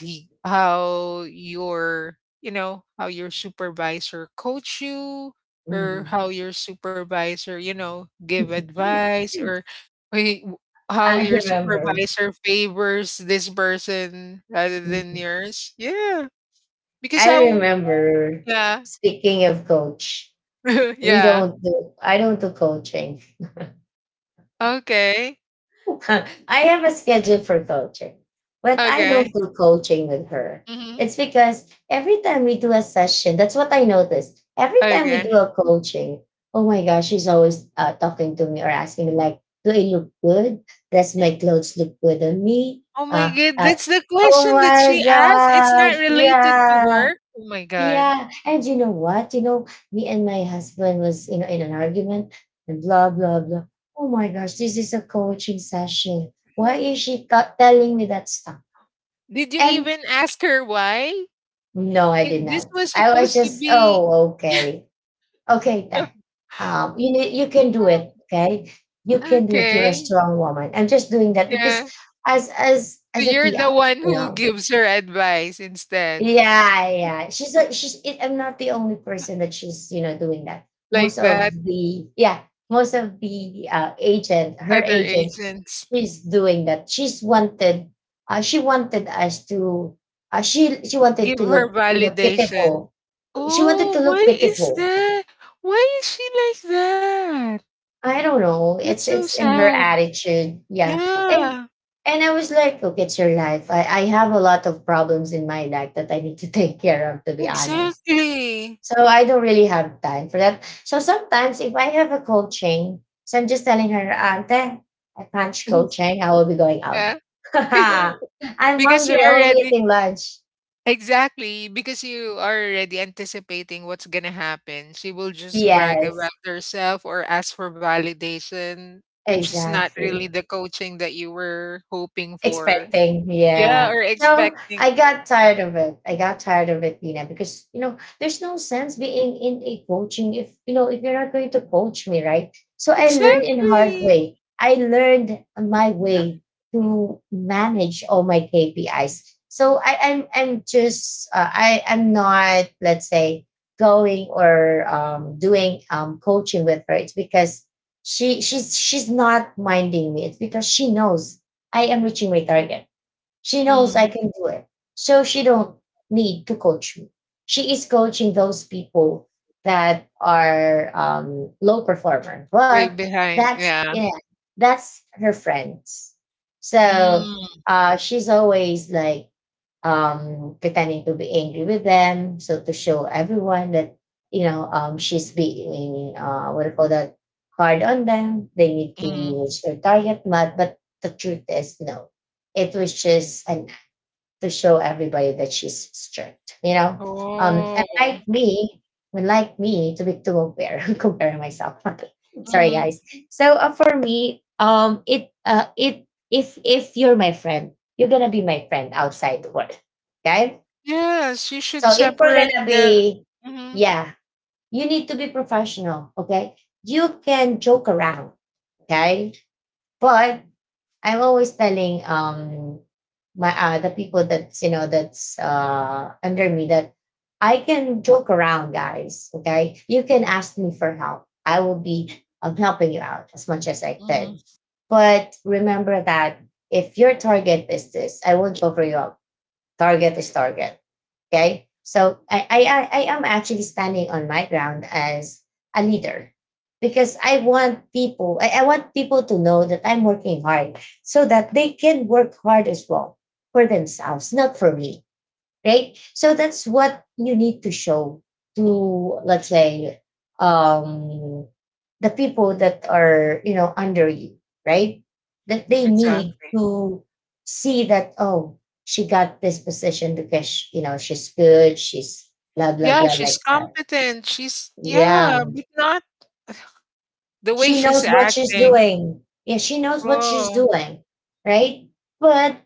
Speaker 2: he how your, you know, how your supervisor coach you or
Speaker 1: Hmm.
Speaker 2: how your supervisor, you know, give
Speaker 1: [laughs]
Speaker 2: advice or wait, how
Speaker 1: I
Speaker 2: your
Speaker 1: remember.
Speaker 2: supervisor favors this person rather than
Speaker 1: Mhm.
Speaker 2: yours? Yeah, because
Speaker 1: I
Speaker 2: how?
Speaker 1: remember.
Speaker 2: Yeah,
Speaker 1: Speaking of coach,
Speaker 2: [laughs]
Speaker 1: we
Speaker 2: yeah.
Speaker 1: don't do. I don't do coaching.
Speaker 2: Okay,
Speaker 1: [laughs] I have a schedule for coaching, but I don't
Speaker 2: okay,
Speaker 1: do coaching with her.
Speaker 2: hmm
Speaker 1: It's because every time we do a session, that's what I noticed. Every time we
Speaker 2: okay.
Speaker 1: do a coaching, oh my gosh, she's always talking to me or asking me like, "Do I look good? Does my clothes look good on me?"
Speaker 2: Oh my
Speaker 1: Uh,
Speaker 2: god,
Speaker 1: uh,
Speaker 2: that's the
Speaker 1: oh
Speaker 2: question that
Speaker 1: my
Speaker 2: she asked. It's not
Speaker 1: gosh,
Speaker 2: related to
Speaker 1: yeah.
Speaker 2: work. Oh my god.
Speaker 1: Yeah, and you know what? You know, me and my husband was, you know, in an argument and blah blah blah. Oh my gosh, this is a coaching session. Why
Speaker 2: Oh.
Speaker 1: is she telling me that stuff?
Speaker 2: Did you
Speaker 1: And
Speaker 2: even ask her why?
Speaker 1: no, I
Speaker 2: Eh,
Speaker 1: did
Speaker 2: this
Speaker 1: not.
Speaker 2: was
Speaker 1: I was
Speaker 2: supposed to
Speaker 1: just,
Speaker 2: be.
Speaker 1: oh, okay, okay, you need, you can do it.
Speaker 2: [laughs]
Speaker 1: Okay, you can do it. You're a
Speaker 2: Okay.
Speaker 1: strong woman. I'm just doing that because
Speaker 2: Yeah.
Speaker 1: as as
Speaker 2: So
Speaker 1: as a
Speaker 2: you're the
Speaker 1: TL,
Speaker 2: one
Speaker 1: you
Speaker 2: who
Speaker 1: know.
Speaker 2: gives her advice instead.
Speaker 1: Yeah, yeah. She's a, she's it, I'm not the only person that she's, you know, doing that.
Speaker 2: Like
Speaker 1: Most of
Speaker 2: that,
Speaker 1: the, yeah, most of the agent, her
Speaker 2: other
Speaker 1: agent,
Speaker 2: agents
Speaker 1: she's doing that. She's wanted she wanted us to she wanted
Speaker 2: give
Speaker 1: to
Speaker 2: her
Speaker 1: look, you know,
Speaker 2: validation.
Speaker 1: pitiful. She wanted
Speaker 2: Oh,
Speaker 1: to
Speaker 2: why
Speaker 1: look
Speaker 2: is
Speaker 1: pitiful.
Speaker 2: that? Why is she like that?
Speaker 1: I don't know.
Speaker 2: That's so
Speaker 1: It's in her
Speaker 2: sad.
Speaker 1: attitude. Yeah. And
Speaker 2: Yeah,
Speaker 1: I was like, look, it's your life. I have a lot of problems in my life that I need to [laughs] take care of, to be honest.
Speaker 2: exactly.
Speaker 1: So I don't really have time for that. So sometimes if I have a cold chain, so I'm just telling her, Auntie, I punch cold
Speaker 2: [laughs]
Speaker 1: chain. I will be going out.
Speaker 2: Yeah.
Speaker 1: [laughs]
Speaker 2: [laughs]
Speaker 1: I'm
Speaker 2: Because you
Speaker 1: hungry. I will be
Speaker 2: already,
Speaker 1: eating lunch.
Speaker 2: exactly because you are already anticipating what's gonna happen, she will just brag about
Speaker 1: Yes,
Speaker 2: herself or ask for validation, which is not
Speaker 1: exactly.
Speaker 2: really the coaching that you were hoping for.
Speaker 1: Expecting,
Speaker 2: Yeah,
Speaker 1: yeah.
Speaker 2: or
Speaker 1: So
Speaker 2: expecting,
Speaker 1: I
Speaker 2: oh,
Speaker 1: got tired of it. I got tired of it, Nina, because you know there's no sense being in a coaching if you know if you're not going to coach me, right? So I learned in hard
Speaker 2: exactly.
Speaker 1: way. I learned my way to manage all my KPIs. So I'm just I'm not, let's say, going or doing coaching with her. It's because she's not minding me. It's because she knows I am reaching my target. She knows I
Speaker 2: Mm,
Speaker 1: can do it. So she don't need to coach me. She is coaching those people that are low performer.
Speaker 2: way
Speaker 1: But
Speaker 2: behind,
Speaker 1: that's,
Speaker 2: yeah.
Speaker 1: yeah, that's her friends. So
Speaker 2: Mm,
Speaker 1: she's always like pretending to be angry with them. So to show everyone that, you know, she's being, what do you call that, hard on them. They need to
Speaker 2: mm.
Speaker 1: use their target mat. But the truth is, no. It was just an, to show everybody that she's strict, you know? And
Speaker 2: Oh.
Speaker 1: like me, to be to compare, [laughs] compare myself. Okay. Sorry
Speaker 2: Hmm.
Speaker 1: guys. So for me, it, if you're my friend, you're gonna be my friend outside the work. Okay?
Speaker 2: Yes, you should
Speaker 1: So if we're
Speaker 2: separate
Speaker 1: gonna
Speaker 2: the.
Speaker 1: be,
Speaker 2: Hmm.
Speaker 1: yeah, you need to be professional, okay? You can joke around, okay? But I'm always telling my the people that's, you know, that's under me, that I can joke around, guys. Okay, you can ask me for help. I will be helping you out as much as I
Speaker 2: Hmm.
Speaker 1: can. But remember that if your target is this, I won't cover you up. Target is target. Okay. So I am actually standing on my ground as a leader because I want people, I want people to know that I'm working hard so that they can work hard as well for themselves, not for me, right? So that's what you need to show to, let's say, um, the people that are, you know, under you, right? That they need
Speaker 2: Exactly.
Speaker 1: to see that, oh, she got this position because, you know, she's good, she's blah, blah,
Speaker 2: Yeah,
Speaker 1: blah,
Speaker 2: she's
Speaker 1: like that.
Speaker 2: competent. She's, yeah,
Speaker 1: Yeah.
Speaker 2: but not the way
Speaker 1: She
Speaker 2: she's
Speaker 1: knows what she's
Speaker 2: acting.
Speaker 1: doing. Yeah, she knows what she's
Speaker 2: Oh,
Speaker 1: doing, right? But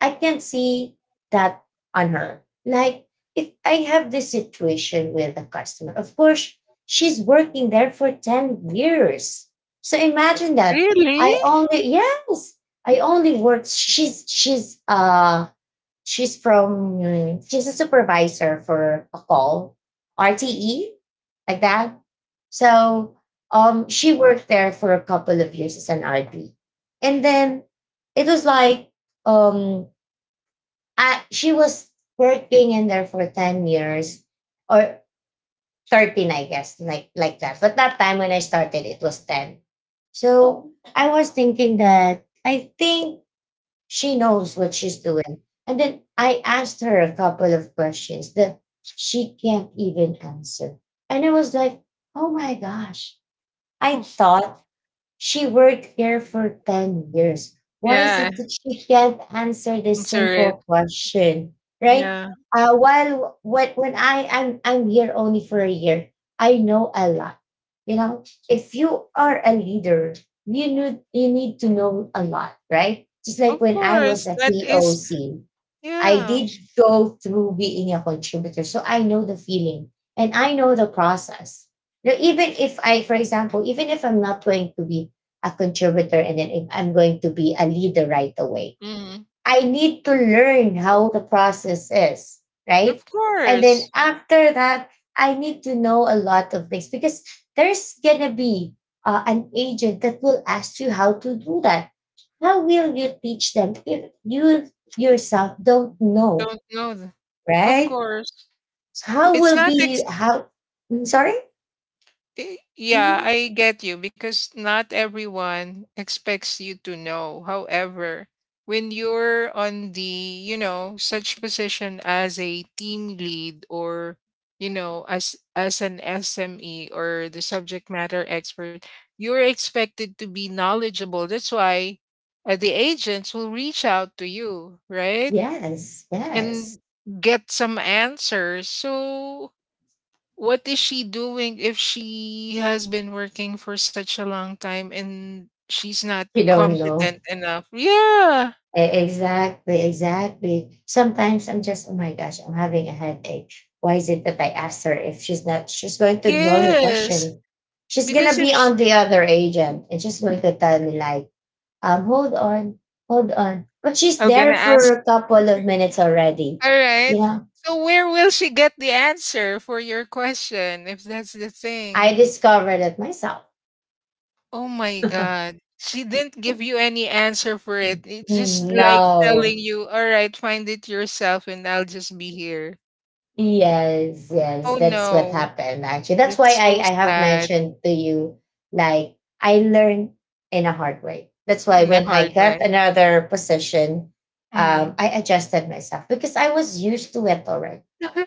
Speaker 1: I can see that on her. Like, if I have this situation with a customer, of course, she's working there for 10 years. So imagine that.
Speaker 2: really?
Speaker 1: I only, yes, I only worked, she's a supervisor for a call, RTE, like that. So, she worked there for a couple of years as an RP. And then it was like, um, she was working in there for 10 years or 13, I guess, like that. But that time when I started, it was 10. So I was thinking that I think she knows what she's doing. And then I asked her a couple of questions that she can't even answer. And I was like, oh my gosh. I
Speaker 2: [laughs]
Speaker 1: thought she worked here for 10 years. Why is
Speaker 2: Yeah,
Speaker 1: it that she can't answer this
Speaker 2: answer it.
Speaker 1: simple question? Right?
Speaker 2: Yeah,
Speaker 1: While when I'm here only for a year, I know a lot. You know, if you are a leader, you need, you need to know a lot, right? Just like
Speaker 2: of
Speaker 1: when I was
Speaker 2: course.
Speaker 1: a
Speaker 2: That is,
Speaker 1: POC. I
Speaker 2: yeah.
Speaker 1: did go through being a contributor. So I know the feeling and I know the process. Now, even if I, for example, even if I'm not going to be a contributor and then if I'm going to be a leader right away,
Speaker 2: Mm.
Speaker 1: I need to learn how the process is, right?
Speaker 2: Of
Speaker 1: And then
Speaker 2: course.
Speaker 1: after that, I need to know a lot of things because there's going to be an agent that will ask you how to do that. How will you teach them if you yourself don't know,
Speaker 2: Don't know th. Of
Speaker 1: right?
Speaker 2: course.
Speaker 1: So how
Speaker 2: It's
Speaker 1: will
Speaker 2: not ex
Speaker 1: be how? Sorry.
Speaker 2: eh, Yeah,
Speaker 1: Mhm.
Speaker 2: I get you because not everyone expects you to know. However, when you're on the, you know, such position as a team lead or, you know, as an SME or the subject matter expert, you're expected to be knowledgeable. That's why the agents will reach out to you, right?
Speaker 1: Yes, yes.
Speaker 2: And get some answers. So what is she doing if she has been working for such a long time and she's not
Speaker 1: You don't know.
Speaker 2: competent enough? Yeah.
Speaker 1: Exactly, exactly. Sometimes I'm just, oh my gosh, I'm having a headache. Why is it that I asked her if she's not? She's going to ignore my
Speaker 2: Yes.
Speaker 1: question. She's
Speaker 2: Because
Speaker 1: gonna
Speaker 2: if
Speaker 1: be
Speaker 2: sh
Speaker 1: on the other agent, and she's going to tell me like, hold on. But she's
Speaker 2: I'm gonna
Speaker 1: there for
Speaker 2: ask,
Speaker 1: a couple of minutes already.
Speaker 2: all right.
Speaker 1: You know,
Speaker 2: So where will she get the answer for your question if that's the
Speaker 1: I
Speaker 2: thing?
Speaker 1: discovered it myself.
Speaker 2: Oh my
Speaker 1: [laughs]
Speaker 2: God. She didn't give you any answer for it. It's just like telling
Speaker 1: No.
Speaker 2: you, all right, find it yourself and I'll just be here.
Speaker 1: Yes,
Speaker 2: Oh
Speaker 1: yes, that's what
Speaker 2: no.
Speaker 1: happened actually. That's why
Speaker 2: That's
Speaker 1: I,
Speaker 2: so
Speaker 1: I have
Speaker 2: sad
Speaker 1: mentioned to you, like, I learned in a hard way. That's why
Speaker 2: in a
Speaker 1: when
Speaker 2: hard
Speaker 1: I
Speaker 2: way.
Speaker 1: got another position,
Speaker 2: Mm.
Speaker 1: I adjusted myself because I was used to it already.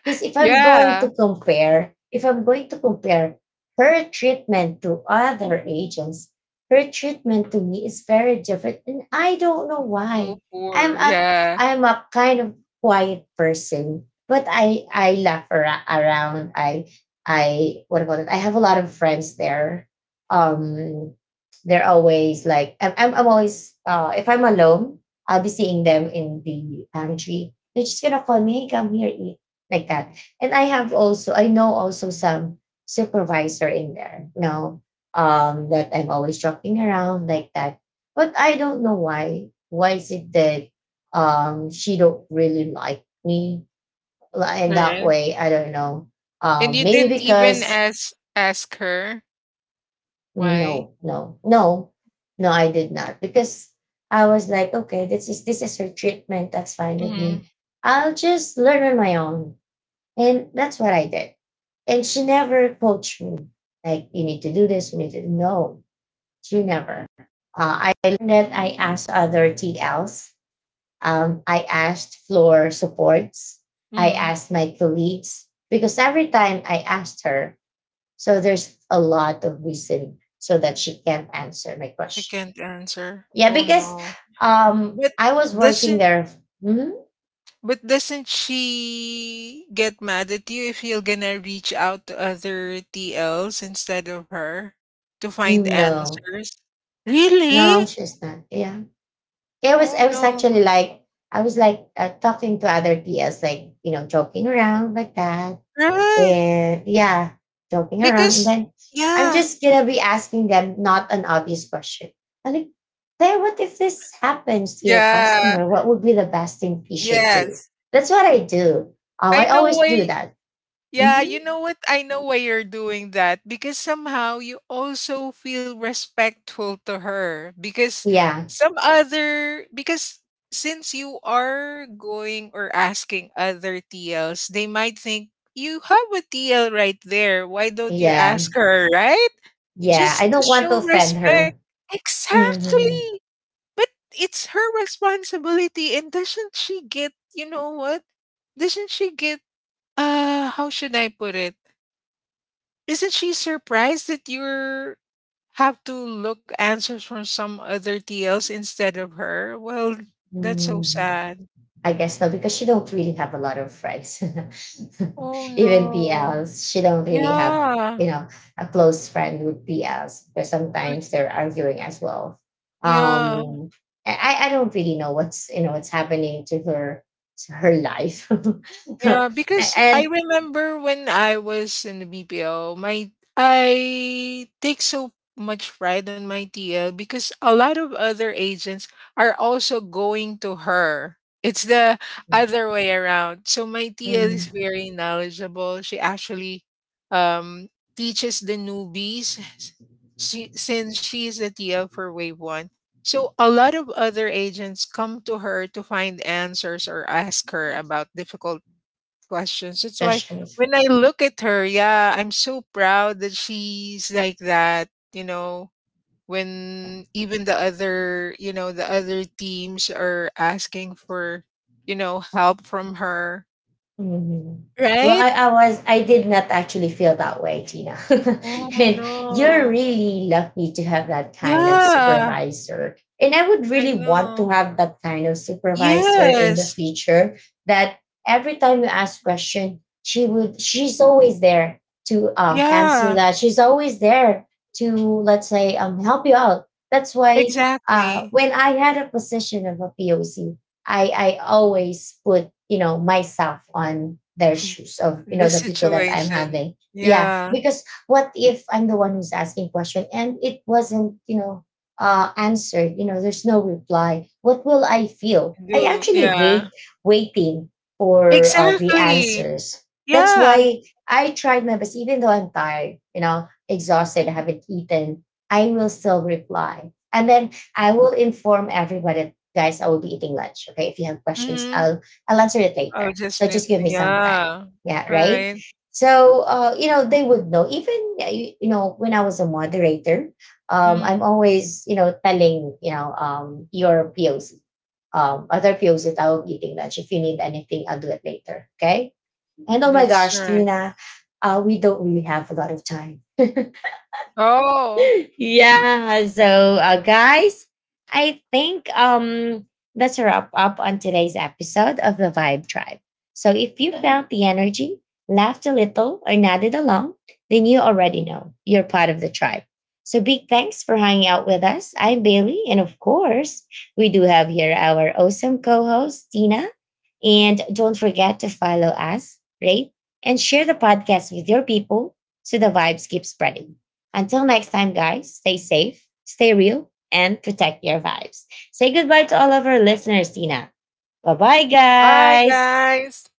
Speaker 1: Because if I'm going to
Speaker 2: Yeah.
Speaker 1: compare, if I'm going to compare her treatment to other agents, her treatment to me is very different. And I don't know why.
Speaker 2: So
Speaker 1: I'm
Speaker 2: poor.
Speaker 1: a
Speaker 2: Yeah.
Speaker 1: I'm a kind of quiet person, but I laugh around. I what about it? I have a lot of friends there. Um, they're always like I'm always, if I'm alone, I'll be seeing them in the pantry. They're just gonna call me, hey, come here, eat, like that. And I know also some supervisor in there. You know, that I'm always joking around like that. But I don't know why. Why is it that, she don't really like me in that
Speaker 2: Right.
Speaker 1: way. I don't know.
Speaker 2: And you
Speaker 1: Maybe
Speaker 2: didn't even
Speaker 1: because,
Speaker 2: ask her why?
Speaker 1: no, no, no, no, I did not because I was like, okay, this is her treatment. That's fine with
Speaker 2: Mm.
Speaker 1: me. I'll just learn on my own, and that's what I did. And she never coached me, like, you need to do this, you need to, no. She never. I learned that I asked other TLs. I asked floor supports. I
Speaker 2: Mm.
Speaker 1: asked my colleagues because every time I asked her, so there's a lot of reason so that she can't answer my
Speaker 2: She
Speaker 1: question.
Speaker 2: can't answer.
Speaker 1: Yeah,
Speaker 2: Oh
Speaker 1: because,
Speaker 2: no. But
Speaker 1: I was working
Speaker 2: doesn't,
Speaker 1: there. Hmm?
Speaker 2: but doesn't she get mad at you if you're gonna reach out to other TLs instead of her to find
Speaker 1: No,
Speaker 2: answers?
Speaker 1: no,
Speaker 2: Really?
Speaker 1: she's not. Yeah,
Speaker 2: Oh
Speaker 1: I was
Speaker 2: no.
Speaker 1: actually like, I was like, talking to other P.S., like, you know, joking around like that.
Speaker 2: Right.
Speaker 1: And yeah, joking around. And
Speaker 2: Because
Speaker 1: then I'm
Speaker 2: yeah.
Speaker 1: just gonna be asking them not an obvious question. I'm like, hey, what if this happens to your
Speaker 2: Yeah.
Speaker 1: customer? What would be the best thing you should do?
Speaker 2: Yes.
Speaker 1: That's what I do.
Speaker 2: I
Speaker 1: I
Speaker 2: know
Speaker 1: always do
Speaker 2: why.
Speaker 1: that.
Speaker 2: Yeah,
Speaker 1: Mhm.
Speaker 2: you know what? I know why you're doing that because somehow you also feel respectful to her because
Speaker 1: Yeah,
Speaker 2: some other because since you are going or asking other TLs, they might think you have a TL right there. Why don't you
Speaker 1: yeah,
Speaker 2: ask her, right?
Speaker 1: yeah. I
Speaker 2: Just to
Speaker 1: don't want to
Speaker 2: show
Speaker 1: offend
Speaker 2: respect.
Speaker 1: her. Mhm.
Speaker 2: Exactly. But it's her responsibility and doesn't she get, you know what, doesn't she get, how should I put it? Isn't she surprised that you're have to look answers from some other TLs instead of her? Well, that's so
Speaker 1: Mhm.
Speaker 2: sad.
Speaker 1: I guess no, because she don't really have a lot of friends.
Speaker 2: Oh
Speaker 1: [laughs] Even
Speaker 2: no.
Speaker 1: PLs, she don't really have,
Speaker 2: Yeah.
Speaker 1: you know, a close friend with PLs because
Speaker 2: Re-
Speaker 1: sometimes they're arguing as well.
Speaker 2: Yeah.
Speaker 1: Um, I don't really know what's you know what's happening to her, to her life. [laughs]
Speaker 2: Yeah, because I
Speaker 1: And
Speaker 2: remember when I was in the BPO, my I take so much pride on my TL because a lot of other agents are also going to her. It's the
Speaker 1: mm,
Speaker 2: other way around. So my TL is
Speaker 1: mm,
Speaker 2: very knowledgeable. She actually um teaches the newbies she, since she is the TL for Wave 1. So a lot of other agents come to her to find answers or ask her about difficult questions. That's why
Speaker 1: gosh.
Speaker 2: when I look at her, yeah, I'm so proud that she's like that, you know. When even the other, you know, the other teams are asking for, you know, help from her,
Speaker 1: Mhm. Well,
Speaker 2: right?
Speaker 1: I was I did not actually feel that way, Tina.
Speaker 2: Oh
Speaker 1: [laughs] And you're
Speaker 2: no.
Speaker 1: really lucky to have that kind of
Speaker 2: Yeah,
Speaker 1: supervisor. And I would
Speaker 2: I
Speaker 1: really want to
Speaker 2: know.
Speaker 1: have that kind of supervisor in the
Speaker 2: Yes.
Speaker 1: future, that every time you ask question, she's always there to, answer
Speaker 2: Yeah,
Speaker 1: that. She's always there to, let's say, help you out. That's why,
Speaker 2: exactly.
Speaker 1: when I had a position of a POC, I always put, you know, myself on their shoes of, you
Speaker 2: The
Speaker 1: know, the people that I'm
Speaker 2: situation.
Speaker 1: having. Yeah,
Speaker 2: Yeah,
Speaker 1: because what if I'm the one who's asking question and it wasn't, you know, answered? You know, there's no reply. What will I feel?
Speaker 2: I
Speaker 1: I
Speaker 2: do.
Speaker 1: actually
Speaker 2: Yeah.
Speaker 1: hate waiting for, the
Speaker 2: Exactly.
Speaker 1: answers. That's
Speaker 2: Yeah.
Speaker 1: why I tried my best, even though I'm tired, you know, exhausted, I haven't eaten. I will still reply, and then I will inform everybody, guys, I will be eating lunch. Okay. If you have questions,
Speaker 2: Hmm.
Speaker 1: I'll answer it
Speaker 2: Oh,
Speaker 1: later.
Speaker 2: just
Speaker 1: So
Speaker 2: with,
Speaker 1: just give me some time.
Speaker 2: yeah.
Speaker 1: Yeah, right.
Speaker 2: Alright.
Speaker 1: So, you know, they would know. Even, you know, when I was a moderator,
Speaker 2: Mhm.
Speaker 1: I'm always, you know, telling, you know, your POC, other POC that I will be eating lunch. If you need anything, I'll do it later. Okay. And oh my
Speaker 2: That's
Speaker 1: gosh,
Speaker 2: right.
Speaker 1: Tina, we don't really have a lot of time.
Speaker 2: Oh,
Speaker 1: [laughs] Yeah, so, guys, I think um, that's a wrap up on today's episode of The Vibe Tribe. So if you felt the energy, laughed a little, or nodded along, then you already know you're part of the tribe. So big thanks for hanging out with us. I'm Bailey, and of course, we do have here our awesome co-host, Tina. And don't forget to follow us, rate, and share the podcast with your people, so the vibes keep spreading. Until next time, guys, stay safe, stay real, and protect your vibes. Say goodbye to all of our listeners, Tina. Bye bye,
Speaker 2: bye,
Speaker 1: guys.
Speaker 2: guys.